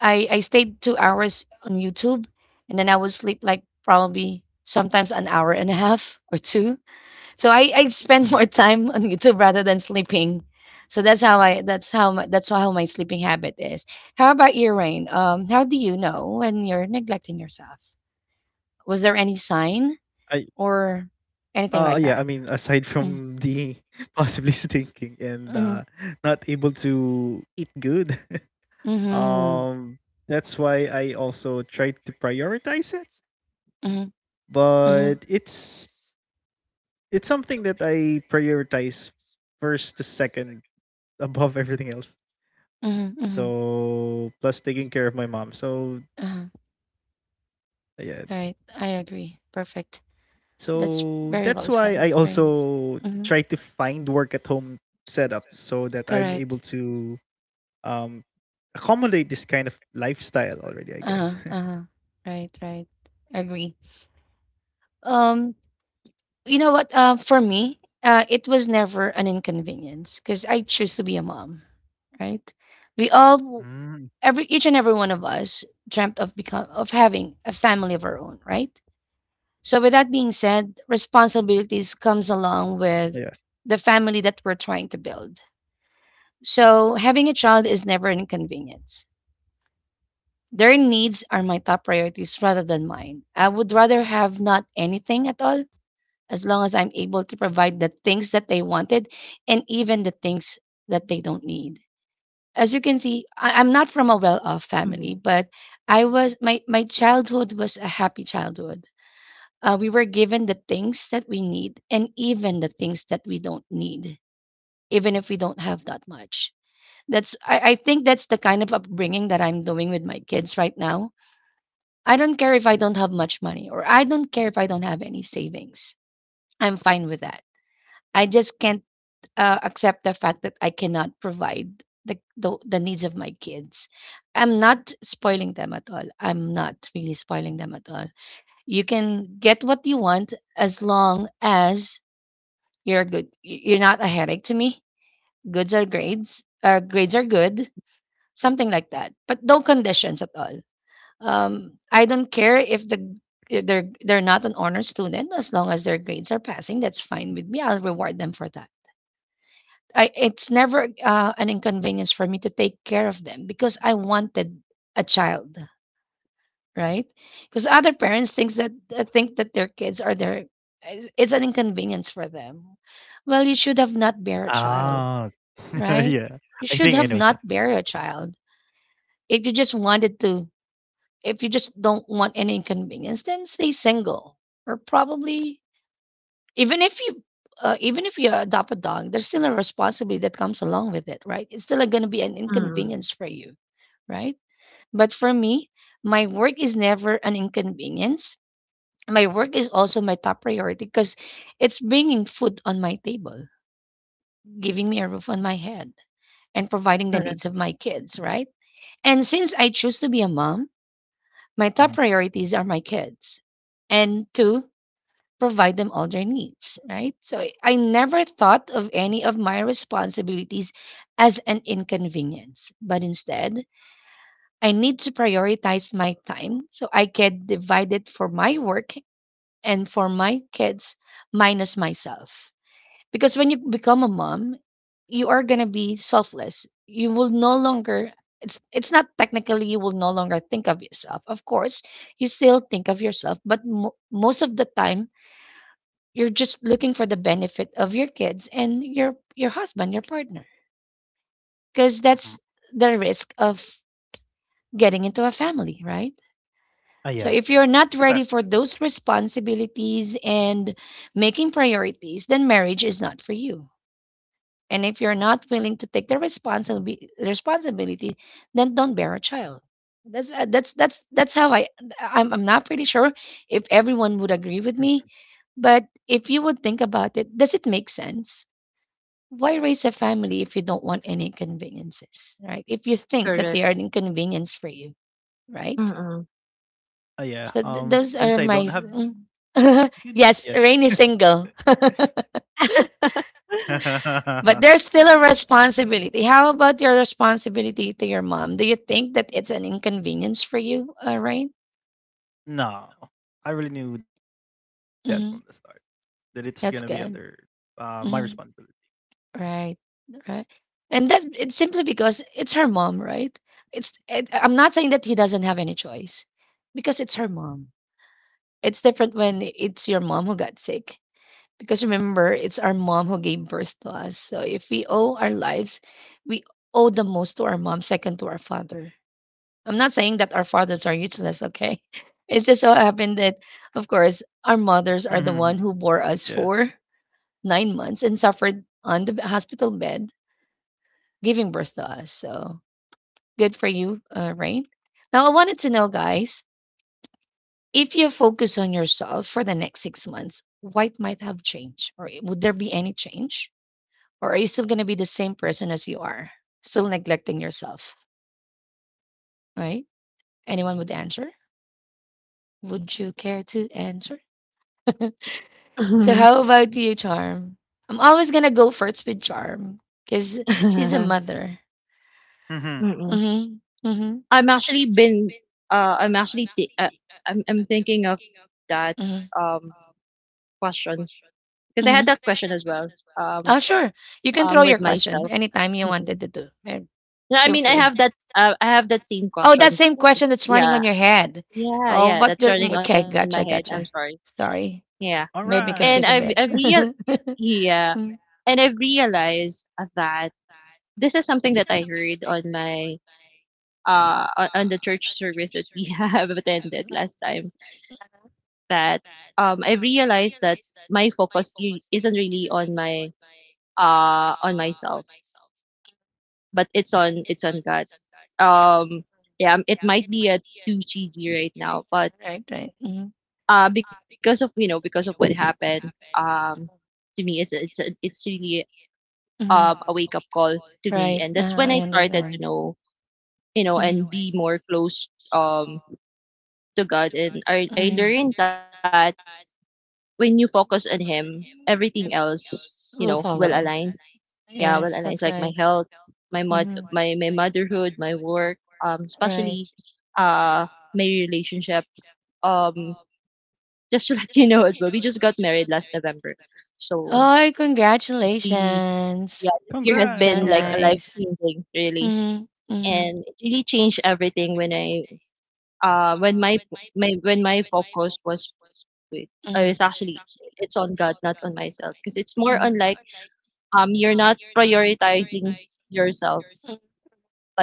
A: I stayed 2 hours on YouTube, and then I would sleep like probably sometimes an hour and a half or two. So I
C: mhm.
A: spend more time on YouTube rather than sleeping. So that's that's how my sleeping habit is. How about your Rain? How do you know when you're neglecting yourself? Was there any sign
C: I.
A: or
C: Yeah,
A: anything
C: I
A: like
C: mean,
A: that?
C: aside from
A: Mm,
C: the possibly stinking and
A: mhm,
C: not able to eat good,
A: mhm,
C: um, that's why I also try to prioritize it.
A: mhm, mhm,
C: But it's something that I prioritize first to second, above everything else.
A: mhm, mhm,
C: So plus taking care of my mom. So
A: uh-huh. All
C: yeah,
A: right, I agree. Perfect.
C: so
A: That's
C: that's
A: very
C: why
A: well
C: I
A: said, right?
C: also try
A: hmm
C: to find work at home setup so that I'm able
A: Correct.
C: to um, accommodate this kind of lifestyle already, I guess.
A: Uh-huh, uh Right, right. Agree. Um, you know what? For me, it was never an inconvenience because I choose to be a mom, right? We all, w-
C: Mm.
A: every each and every one of us dreamt of become of having a family of our own, right? So, with that being said, responsibilities comes along with
C: Yes.
A: the family that we're trying to build. So, having a child is never an inconvenience. Their needs are my top priorities rather than mine. I would rather have not anything at all as long as I'm able to provide the things that they wanted and even the things that they don't need. As you can see, I'm not from a well-off family,
B: Mm.
A: but I was my childhood was a happy childhood. We were given the things that we need and even the things that we don't need, even if we don't have that much. That's I think that's the kind of upbringing that I'm doing with my kids right now. I don't care if I don't have much money or I don't care if I don't have any savings. I'm fine with that. I just can't accept the fact that I cannot provide the needs of my kids. I'm not spoiling them at all. I'm not really spoiling them at all. You can get what you want as long as you're good. You're not a headache to me. Goods are grades. Grades are good. Something like that. But no conditions at all. I don't care if they're not an honor student as long as their grades are passing. That's fine with me. I'll reward them for that. I it's never an inconvenience for me to take care of them because I wanted a child, right? Because other parents think that their kids are their it's an inconvenience for them. Well, you should have not bear a child,
C: Ah,
A: right?
C: yeah.
A: You
C: I
A: should
C: think I
A: have
C: know some.
A: not bear a child if you just wanted to if you just don't want any inconvenience, then stay single. Or probably even if you even if you adopt a dog, there's still a responsibility that comes along with it, right? It's still going to be an
B: Mm.
A: inconvenience for you, right? But for me, my work is never an inconvenience. My work is also my top priority because it's bringing food on my table, giving me a roof on my head, and providing the
B: Correct.
A: needs of my kids, right? And since I choose to be a mom, my top
C: Hmm.
A: priorities are my kids and to provide them all their needs, right? So I never thought of any of my responsibilities as an inconvenience, but instead, I need to prioritize my time so I can divide it for my work and for my kids minus myself. Because when you become a mom, you are gonna be selfless. You will no longer it's not technically you will no longer think of yourself. Of course, you still think of yourself, but most of the time you're just looking for the benefit of your kids and your husband, your partner, because that's
C: Hmm.
A: the risk of getting into a family, right?
C: Ah,
A: So if
C: yes,
A: you're
C: yes.
A: not
C: It's a
A: ready
C: package.
A: for those responsibilities and making priorities, then marriage is not for you. And if you're not willing to take the responsibility, then don't bear a child. That's that's how I I'm not pretty sure if everyone would agree
C: Mhm.
A: with me, but if you would think about it, does it make sense? Why raise a family if you don't want any inconveniences, right? If you think that they
B: Correct.
A: are an inconvenience for you, right?
B: Mm-mm.
C: Ah, yeah.
A: So those
C: Since I
A: are
C: don't have
A: my
C: kids,
A: mm.
C: yes.
A: Yes. Rain is single. But there's still a responsibility. How about your responsibility to your mom? Do you think that it's an inconvenience for you? All right.
C: No, I really knew that from the start that
A: Mm-hmm.
C: it's gonna be under
A: That's
C: my
A: good.
C: responsibility.
A: Mm-hmm. Right. Right. And that it's simply because it's her mom, right? It's. It, I'm not saying that he doesn't have any choice, because it's her mom. It's different when it's your mom who got sick. Because remember, it's our mom who gave birth to us. So if we owe our lives, we owe the most to our mom, second to our father. I'm not saying that our fathers are useless, okay? It's just so happened that, of course, our mothers are the
C: Mhm.
A: one who bore us
C: Yeah.
A: for 9 months and suffered on the hospital bed, giving birth to us. So good for you, Rain. Now, I wanted to know, guys, if you focus on yourself for the next 6 months, what might have changed? Or would there be any change? Or are you still going to be the same person as you are, still neglecting yourself, right? Anyone would answer? Would you care to answer? So how about you, Charm? I'm always gonna go first with Charm because she's a mother.
C: Mhm.
B: Mm-mm.
A: Mm-hmm. Mm-hmm.
B: I'm actually been I'm actually I'm thinking of that
A: Mm-hmm.
B: um question, 'cause I had that
A: Mm-hmm.
B: question as well, um,
A: Oh, sure. You can throw
B: with
A: your question
B: myself.
A: anytime you
B: Mm.
A: wanted to do. Eh,
B: Yeah, I
A: feel
B: mean,
A: free.
B: I have that same
A: Oh, that
B: question
A: same
B: before.
A: question that's running on
B: Yeah.
A: your head.
B: Yeah,
A: Oh,
B: yeah,
A: what?
B: that's running on
A: Okay,
B: my head,
A: gotcha,
B: I'm sorry.
A: gotcha. Sorry,
B: Yeah.
C: All
A: made me
B: And
A: confused
C: right.
A: a
B: I've
A: bit.
B: real yeah,
A: Mm.
B: and I've realized that this is something that I heard on my on the church service that we have attended last time, that, I realized that my focus I isn't really on my, on myself, but it's on God. Um, yeah, it might be a too cheesy right now, but
A: Right, right.
B: because of, you know, because of what happened, to me it's it's really a
A: Mm-hmm.
B: wake up call to me, and
A: Right.
B: that's when I started to know, you know, and
A: You
B: be more close to God. And I learned that when you focus on him, everything else, you know, will align.
A: follow.
B: Yeah, will align like my health,
A: I.
B: my motherhood, my work, especially uh my relationship. Um, just to let you know as well, we just got married last November, so
A: Oh,
B: it's really,
A: congratulations.
B: yeah, this year has
C: Congrats.
B: been like a
C: Congrats.
B: life
A: Nice.
B: changing really,
A: Mm-hmm. Mm-hmm.
B: and it really changed everything when I when my when my focus was with is actually
A: Mm-hmm.
B: it's on God, not on myself. Because it's more on like you're not prioritizing yourself, but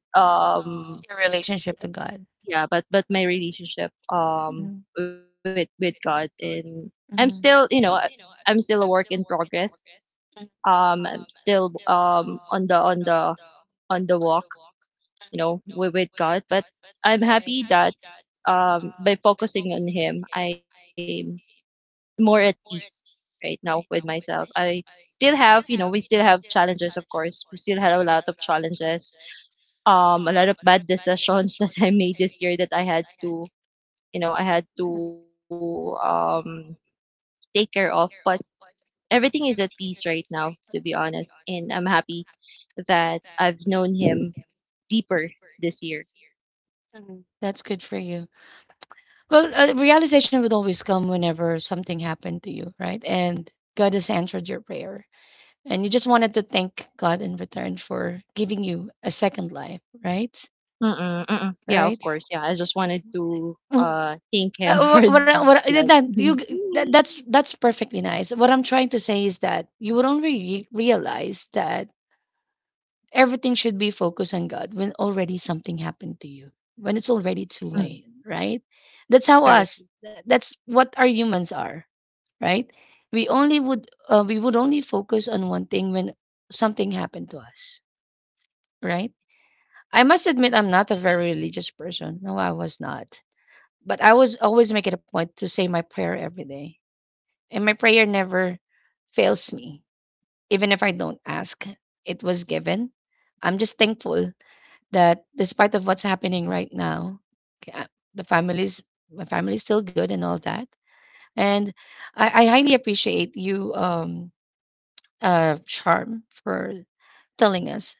B: um
A: Relationship to God.
B: but my relationship
A: um,
B: with God. And I'm still,
A: Mm-hmm.
B: you know,
A: Mm-hmm.
B: I'm still a work in progress.
A: All I'm.
B: I'm still on the walk, you know, with God. But I'm happy that by focusing on Him, I more at peace right now with myself. I still have, you know, we still have challenges, of course. We still had a lot of challenges. A lot of bad decisions that I made this year that I had to, you know, I had to take care of. But everything is at peace right now, to be honest. And I'm happy that I've known him deeper this year.
A: That's good for you. Well, a realization would always come whenever something happened to you, right? And God has answered your prayer. And you just wanted to thank God in return for giving you a second life, right?
B: Mm-mm, mm-mm. Yeah, of
A: Right? Yeah.
B: course. Yeah, I just wanted to
A: Mhm.
B: thank him for that.
A: What, I-
B: Mm,
A: that, you, g- that, That's perfectly nice. What I'm trying to say is that you would only realize that everything should be focused on God when already something happened to you, when it's already too late, right? That's how
B: correct.
A: us, that's what our humans are, right? We would only focus on one thing when something happened to us, right? I must admit I'm not a very religious person. No, I was not. But I was always make it a point to say my prayer every day. And my prayer never fails me. Even if I don't ask, it was given. I'm just thankful that despite of what's happening right now, okay, I- the family's my family's still good and all that. And I highly appreciate you Charm for telling us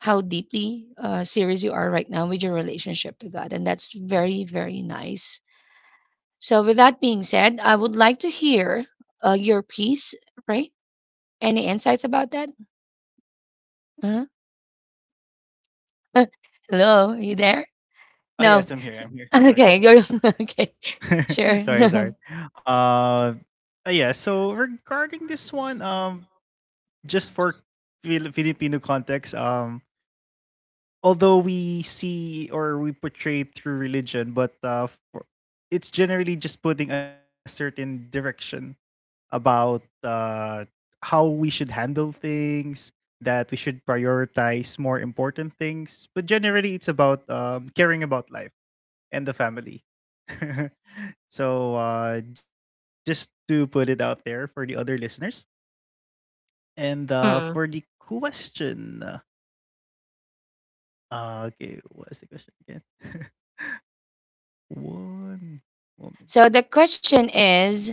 A: how deeply serious you are right now with your relationship to God. And that's very, very nice. So, with that being said, I would like to hear your piece, right? Any insights about that? Uh-huh. Hello, are you there? No.
C: Oh yes, I'm here. I'm here.
A: Okay,
C: Sorry.
A: you're okay. Sure.
C: Sorry, sorry. Uh, yeah. So regarding this one, just for Filipino context, although we see or we portray through religion, but for, it's generally just putting a certain direction about how we should handle things, that we should prioritize more important things, but generally it's about, caring about life and the family. So just to put it out there for the other listeners, and for
B: Mm.
C: the question, okay, what's the question again? One moment.
A: So the question is,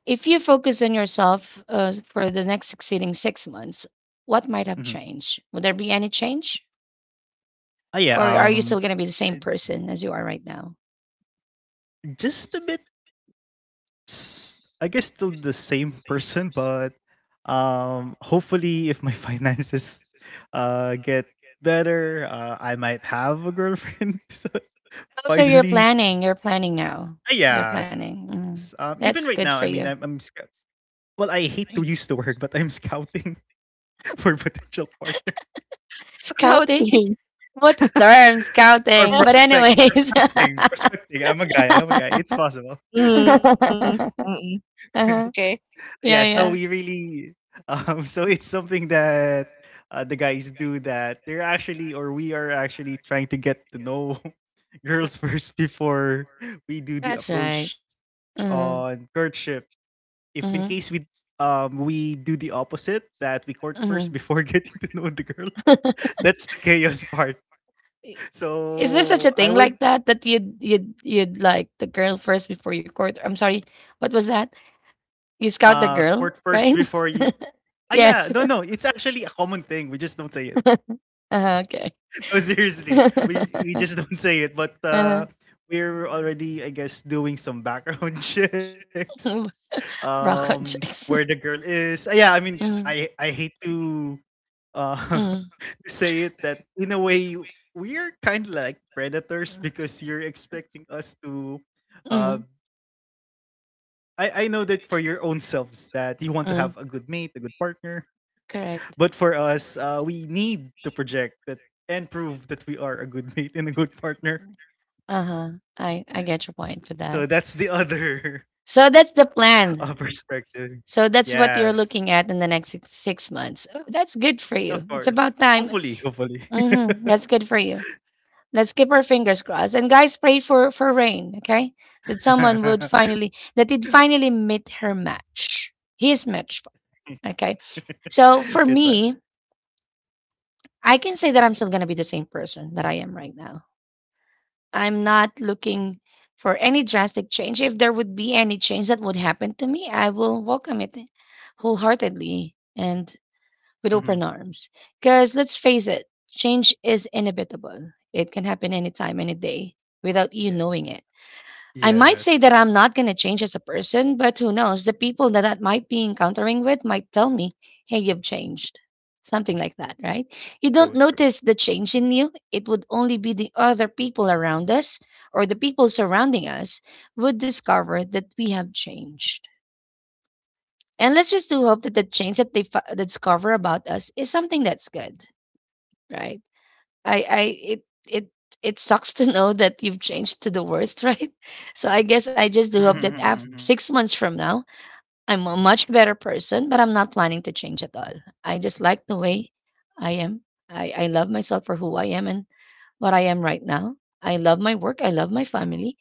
A: if you focus on yourself for the next succeeding 6 months, what might have
C: Hmm.
A: changed? Would there be any change?
C: Oh
A: Or
C: yeah,
A: are you still going to be the same
C: it-
A: person as you are right now?
C: just a bit. I guess still the same person, but hopefully, if my finances get better, I might have a girlfriend. So,
A: Oh, so you're
C: finally,
A: planning. You're planning now.
C: ah,
A: You're
C: yes.
A: planning.
C: Even
A: Mm.
C: right now, I mean,
A: That's good for you.
C: Well, I hate to use the word, but I'm scouting for potential partners
B: How it
A: Scouting?
B: came.
A: What term,
C: or
A: scouting. But
C: prospect,
A: anyways. uh-huh.
C: prospecting. I'm a guy. I'm a guy. It's possible.
B: Mm, mm, okay.
C: Yeah.
A: Yeah,
C: So we
A: yeah.
C: really, so it's something that the guys do, that they're actually, or we are actually trying to get to know girls first before we do the
A: That's right.
C: approach on
A: Mm-hmm.
C: courtship. If in case we do the opposite, that we court
A: Mm-hmm.
C: first
A: Mm-hmm.
C: before getting to know the girl, that's the chaos part.
A: I-. Is there such a
C: So I
A: thing
C: would
A: like that that you'd like the girl first before you court? I'm sorry. What was that? You scout the
C: court
A: girl,
C: first
A: right?
C: before you. Ah yeah,
A: Yes.
C: no no, it's actually a common thing. We just don't say it.
A: Okay.
C: No, seriously, we
A: uh,
C: we just don't say it. But we're already, I guess, doing some background checks.
A: rock
C: Where the
A: checks.
C: girl is. Ah, yeah, I mean,
A: Mm,
C: I hate to uh
A: mm,
C: to say it, that in a way we're kind of like predators,
A: mm,
C: because you're expecting us to uh I know that for your own selves that you want to have a good
A: mm.
C: mate, a good partner. But
A: Correct.
C: for us, we need to project that and prove that we are a good mate and a good partner.
A: Uh huh. I get your point for
C: So
A: that.
C: that's the other
A: So that's the plan.
C: perspective.
A: So that's what
C: Yes,
A: you're looking at in the next 6 months. Oh, that's good for
C: of
A: you.
C: course.
A: It's about time.
C: Hopefully, hopefully.
A: Hmm. That's good for you. Let's keep our fingers crossed. And guys, pray for rain, okay? That someone would finally that it finally meet her match. His match, okay? So
C: It's
A: for
C: right.
A: me, I can say that I'm still gonna be the same person that I am right now. I'm not looking for any drastic change. If there would be any change that would happen to me, I will welcome it wholeheartedly and with
C: Hmm.
A: open arms. Because let's face it, change is inevitable. It can happen anytime, any day, without you
C: Yeah.
A: knowing it. I might say
C: Yes.
A: that I'm not going to change as a person, but who knows? The people that I might be encountering with might tell me, hey, you've changed. Something like that, right? You don't
C: True. True.
A: notice the change in you. It would only be the other people around us or the people surrounding us would discover that we have changed. And let's just do hope that the change that they discover about us is something that's good, right? I it it it sucks to know that you've changed to the worst, right? So I guess I just do hope that after 6 months from now, I'm a much better person, but I'm not planning to change at all. I just like the way I am. I love myself for who I am and what I am right now. I love my work. I love my
C: Mhm.
A: family.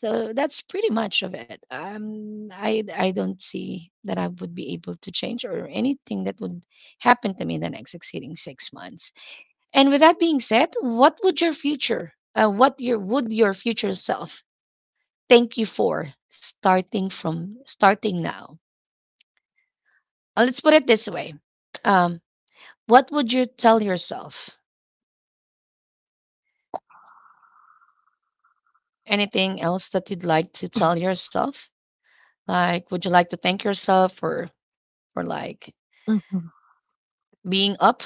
A: So that's pretty much of it. I don't see that I would be able to change or anything that would happen to me in the next succeeding 6 months. And with that being said, what would your future, what your would your future self thank you for starting now? Let's put it this way: um, what would you tell yourself? Anything else that you'd like to tell yourself? Like, would you like to thank yourself for like
B: Mhm,
A: being up,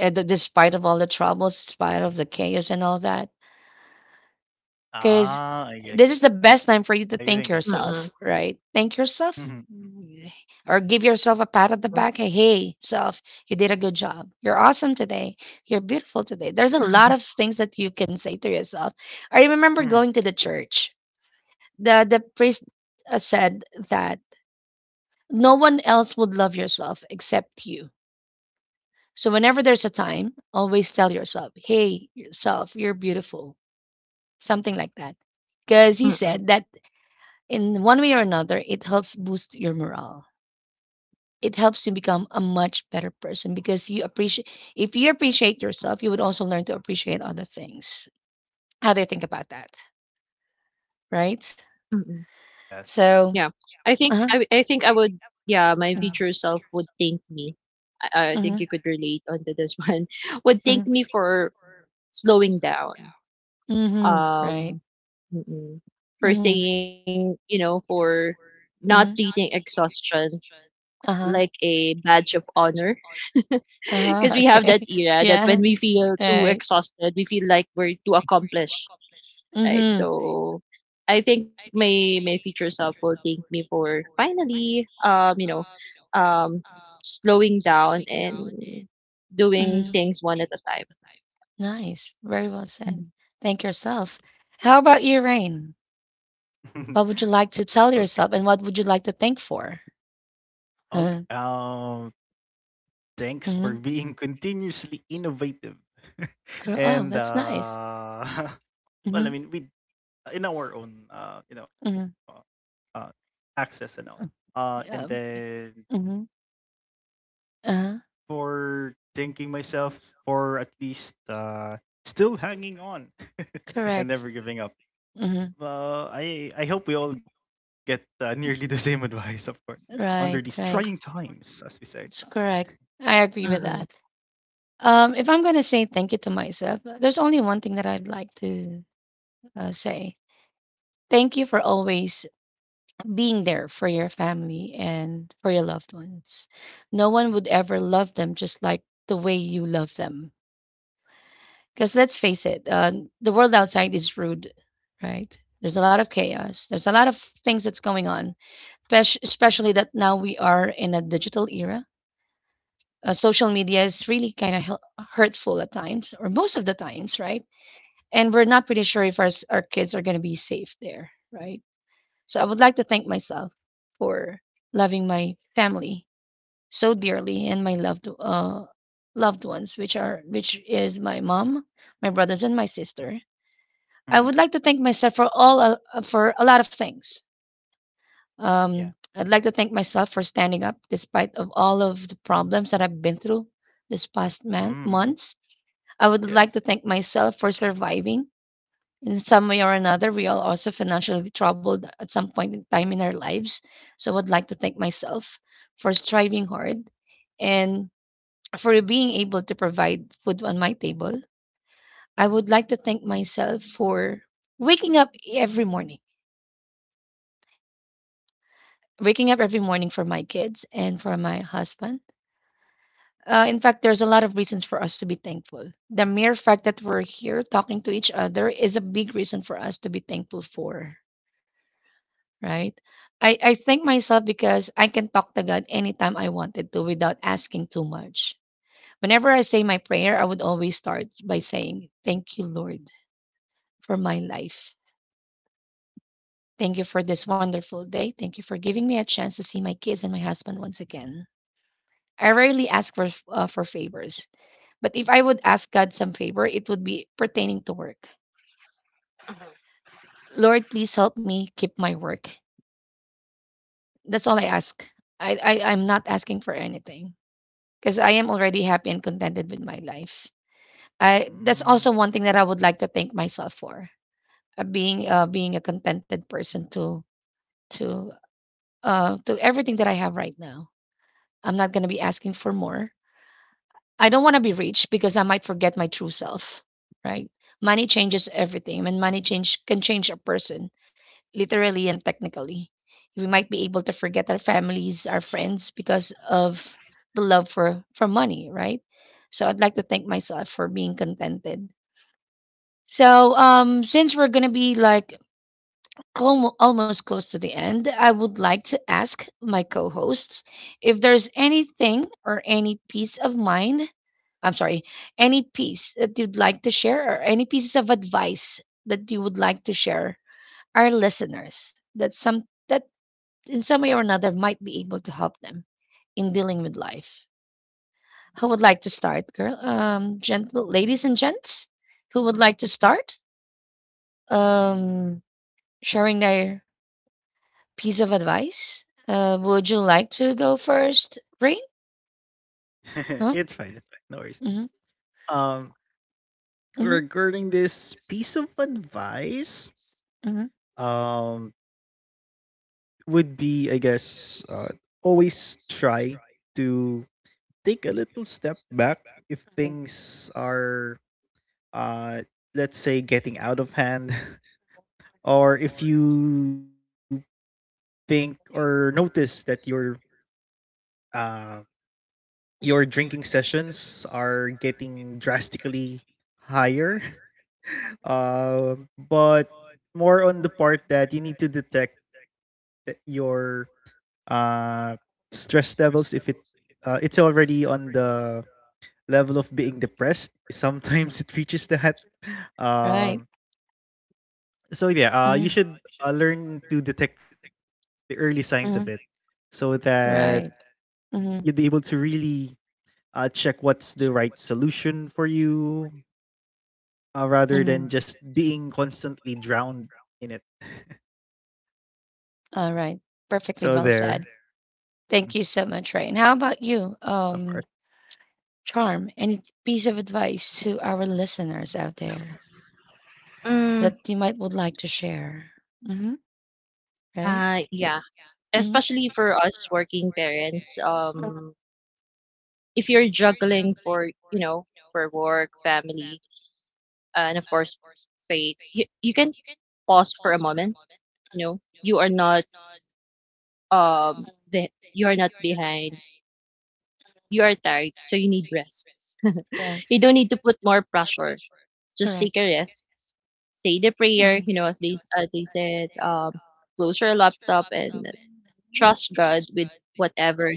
A: despite of all the troubles, despite of the chaos and all that? Because
C: Ah, I get
A: this is
C: it.
A: the
C: I
A: best time
C: think I get. It.
A: for you to thank
B: mm,
A: yourself, right? Thank
C: Mhm.
A: yourself, mm, or give yourself a
B: mm,
A: pat at the back. Hey, hey, self, you did a good job. You're awesome today. You're beautiful today. There's a lot of things that you can say to yourself. I remember
C: Mhm.
A: going to the church. The priest said that no one else would love yourself except you. So whenever there's a time, always tell yourself, "Hey, yourself, you're beautiful." Something like that because he
B: mm,
A: said that in one way or another, it helps boost your morale. It helps you become a much better person because you appreciate. If you appreciate yourself, you would also learn to appreciate other things. How do you think about that? Right.
B: mm.
C: Ah, yes,
B: Yeah.
C: yes,
A: So.
C: yes.
A: Uh
B: I
A: huh.
B: think I would, yeah, my future
A: Mm-hmm.
B: self would thank me. I think
A: Mm-hmm.
B: you could relate onto this one. Would thank me for slowing down.
A: Mm-hmm. Right.
B: Um, mm-mm. For
A: Mm-hmm.
B: saying, you know, for
A: Mm-hmm.
B: not treating exhaustion
A: Uh huh.
B: like a badge of honor.
A: Uh
B: Because
A: huh.
B: we have that
A: Okay.
B: era that when
A: Yeah.
B: we feel too
A: Right.
B: exhausted, we feel like we're too accomplished, right?
A: Mm-hmm.
B: So I think my my future self will thank me for finally, you know, um, slowing down and doing
A: Mm-hmm.
B: things one at a time.
A: Nice. Very well said.
B: Mhm.
A: Thank yourself. How about you, Rain? What would you like to
C: Okay,
A: tell yourself, and what would you like to thank for?
C: okay.
A: Uh,
C: Thanks for
A: mhm.
C: being continuously innovative,
A: Cor oh,
C: and
A: that's nice.
C: well, I
A: Mhm,
C: mean, we, in our own, you know,
A: mhm.
C: uh, access and all. And
A: Yeah, okay.
C: then
A: Mhm. Uh-huh.
C: for thanking myself for at least still hanging on, and never
A: Correct.
C: giving up.
A: Mhm.
C: I hope we all get nearly the same advice, of course, under these
A: Right,
C: trying
A: right.
C: times, as we say.
A: It's correct. I agree with
B: Mm.
A: that. If I'm gonna say thank you to myself, there's only one thing that I'd like to say. Thank you for always being there for your family and for your loved ones. No one would ever love them just like the way you love them. Because let's face it, the world outside is rude, right? There's a lot of chaos. There's a lot of things that's going on, especially that now we are in a digital era. Social media is really kind of hurtful at times, or most of the times, right? And we're not pretty sure if our kids are going to be safe there, right? So I would like to thank myself for loving my family so dearly and my loved ones, which is my mom, my brothers, and my sister. I
C: Hmm.
A: would like to thank myself for all for a lot of things.
C: Yeah.
A: I'd like to thank myself for standing up despite of all of the problems that I've been through this past
C: Hmm.
A: months. I would like
C: Yes.
A: to thank myself for surviving. In some way or another, we are also financially troubled at some point in time in our lives. So I would like to thank myself for striving hard and for being able to provide food on my table. I would like to thank myself for waking up every morning waking up every morning for my kids and for my husband. In fact, there's a lot of reasons for us to be thankful. The mere fact that we're here talking to each other is a big reason for us to be thankful for, right? I thank myself because I can talk to God anytime I wanted to without asking too much. Whenever I say my prayer, I would always start by saying, Thank you, Lord, for my life. Thank you for this wonderful day. Thank you for giving me a chance to see my kids and my husband once again. I rarely ask for for favors, but if I would ask God some favor, it would be pertaining to work. Lord, please help me keep my work. That's all I ask. I'm not asking for anything because I am already happy and contented with my life. I that's
C: Mm.
A: also one thing that I would like to thank myself for being a contented person to to everything that I have right now. I'm not gonna be asking for more. I don't want to be rich because I might forget my true self, right? Money changes everything, and money change can change a person literally and technically. We might be able to forget our families, our friends because of the love for money, right? So I'd like to thank myself for being contented. So since we're going to be like almost close to the end, I would like to ask my co hosts if there's anything or any piece of mind, I'm sorry, any piece that you'd like to share, or any pieces of advice that you would like to share our listeners that some that in some way or another might be able to help them in dealing with life. Who would like to start, girl? Gentle ladies and gents, who would like to start? Um, sharing their piece of advice? Would you like to go first, Rain?
C: It's
A: Huh?
C: fine. It's fine. No worries.
A: Mm-hmm.
C: Um,
A: Mm-hmm.
C: Regarding this piece of advice,
A: Hmm.
C: um, would be, I guess, always try to take a little step back if things are, uh let's say, getting out of hand, or if you think or notice that uh your drinking sessions are getting drastically higher. But more on the part that you need to detect that your uh stress levels, if it it's already on the level of being depressed. Sometimes it reaches that.
A: Right.
C: Um, so yeah, you
A: Mm-hmm.
C: should learn to detect the early signs of it,
A: Hmm.
C: so that
A: Right.
C: you'd be
A: Mm-hmm.
C: able to really check what's the right solution for you,
A: Mm-hmm.
C: rather than just being constantly drowned in it.
A: All right. Perfectly
C: So
A: well said.
C: there,
A: Thank
C: mhm,
A: you so much, Rain. How about you,
C: of course,
A: Charm? Any piece of advice to our listeners out there that
B: Mm,
A: you might would like to share? Mm-hmm. Right.
B: yeah,
A: Mm-hmm.
B: especially for us working parents. If you're juggling for, you know, for work, family, and of course faith, you can pause for a moment. You know, you are not you are not behind, you are tired, so you need rest.
A: Right.
B: You don't need to put more pressure, just take a
A: Correct.
B: rest. Say the prayer,
A: Mm.
B: you know, as they said, close your laptop and trust God with whatever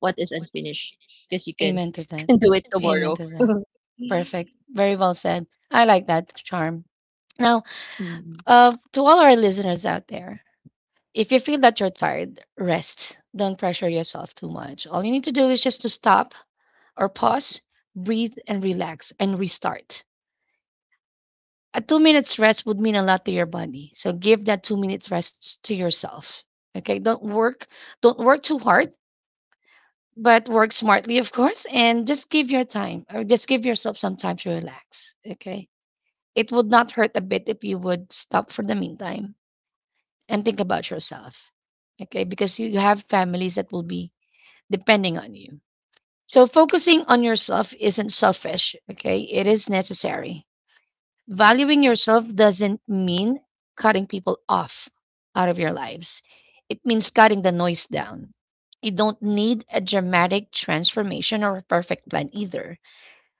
B: what is unfinished because you can
A: Amen to that.
B: can do it
A: Amen
B: tomorrow.
A: to that. Perfect. Very well said. I like that, charm. Now,
B: Mm.
A: to all our listeners out there, if you feel that you're tired, rest. Don't pressure yourself too much. All you need to do is just to stop or pause, breathe, and relax and restart. A 2 minutes rest would mean a lot to your body. So give that 2 minutes rest to yourself. Okay. Don't work. Don't work too hard. But work smartly, of course, and just give your time, or just give yourself some time to relax. Okay. It would not hurt a bit if you would stop for the meantime and think about yourself. Okay. Because you have families that will be depending on you. So focusing on yourself isn't selfish. Okay. It is necessary. Valuing yourself doesn't mean cutting people off out of your lives. It means cutting the noise down. You don't need a dramatic transformation or a perfect plan either.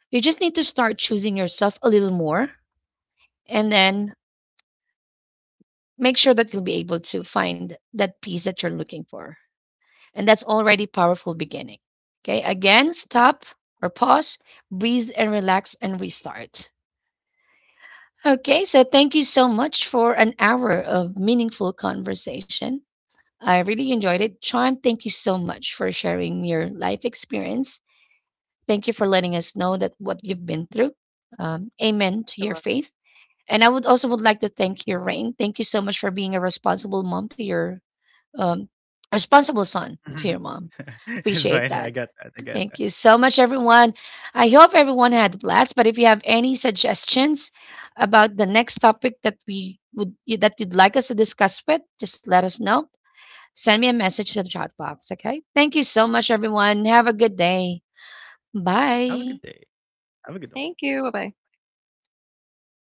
A: You just need to start choosing yourself a little more, and then make sure that you'll be able to find that peace that you're looking for. And that's already powerful beginning. Okay? Again, stop or pause, breathe and relax and restart. Okay, so thank you so much for an hour of meaningful conversation. I really enjoyed it. Charm, thank you so much for sharing your life experience. Thank you for letting us know that what you've been through. Amen to your
B: You're
A: faith. And I would also would like to thank you, Rain. Thank you so much for being a responsible mom to your um, responsible son to your mom. Appreciate that.
C: it's
A: Thank you
C: fine. I
A: so
C: got
A: much,
C: that. I got
A: everyone.
C: that.
A: I hope everyone had a blast. But if you have any suggestions about the next topic that we would that you'd like us to discuss with, just let us know. Send me a message to the chat box. Okay. Thank you so much, everyone. Have a good day. Bye.
C: Have a good day.
B: thank you, bye
C: Have a
B: bye.
C: good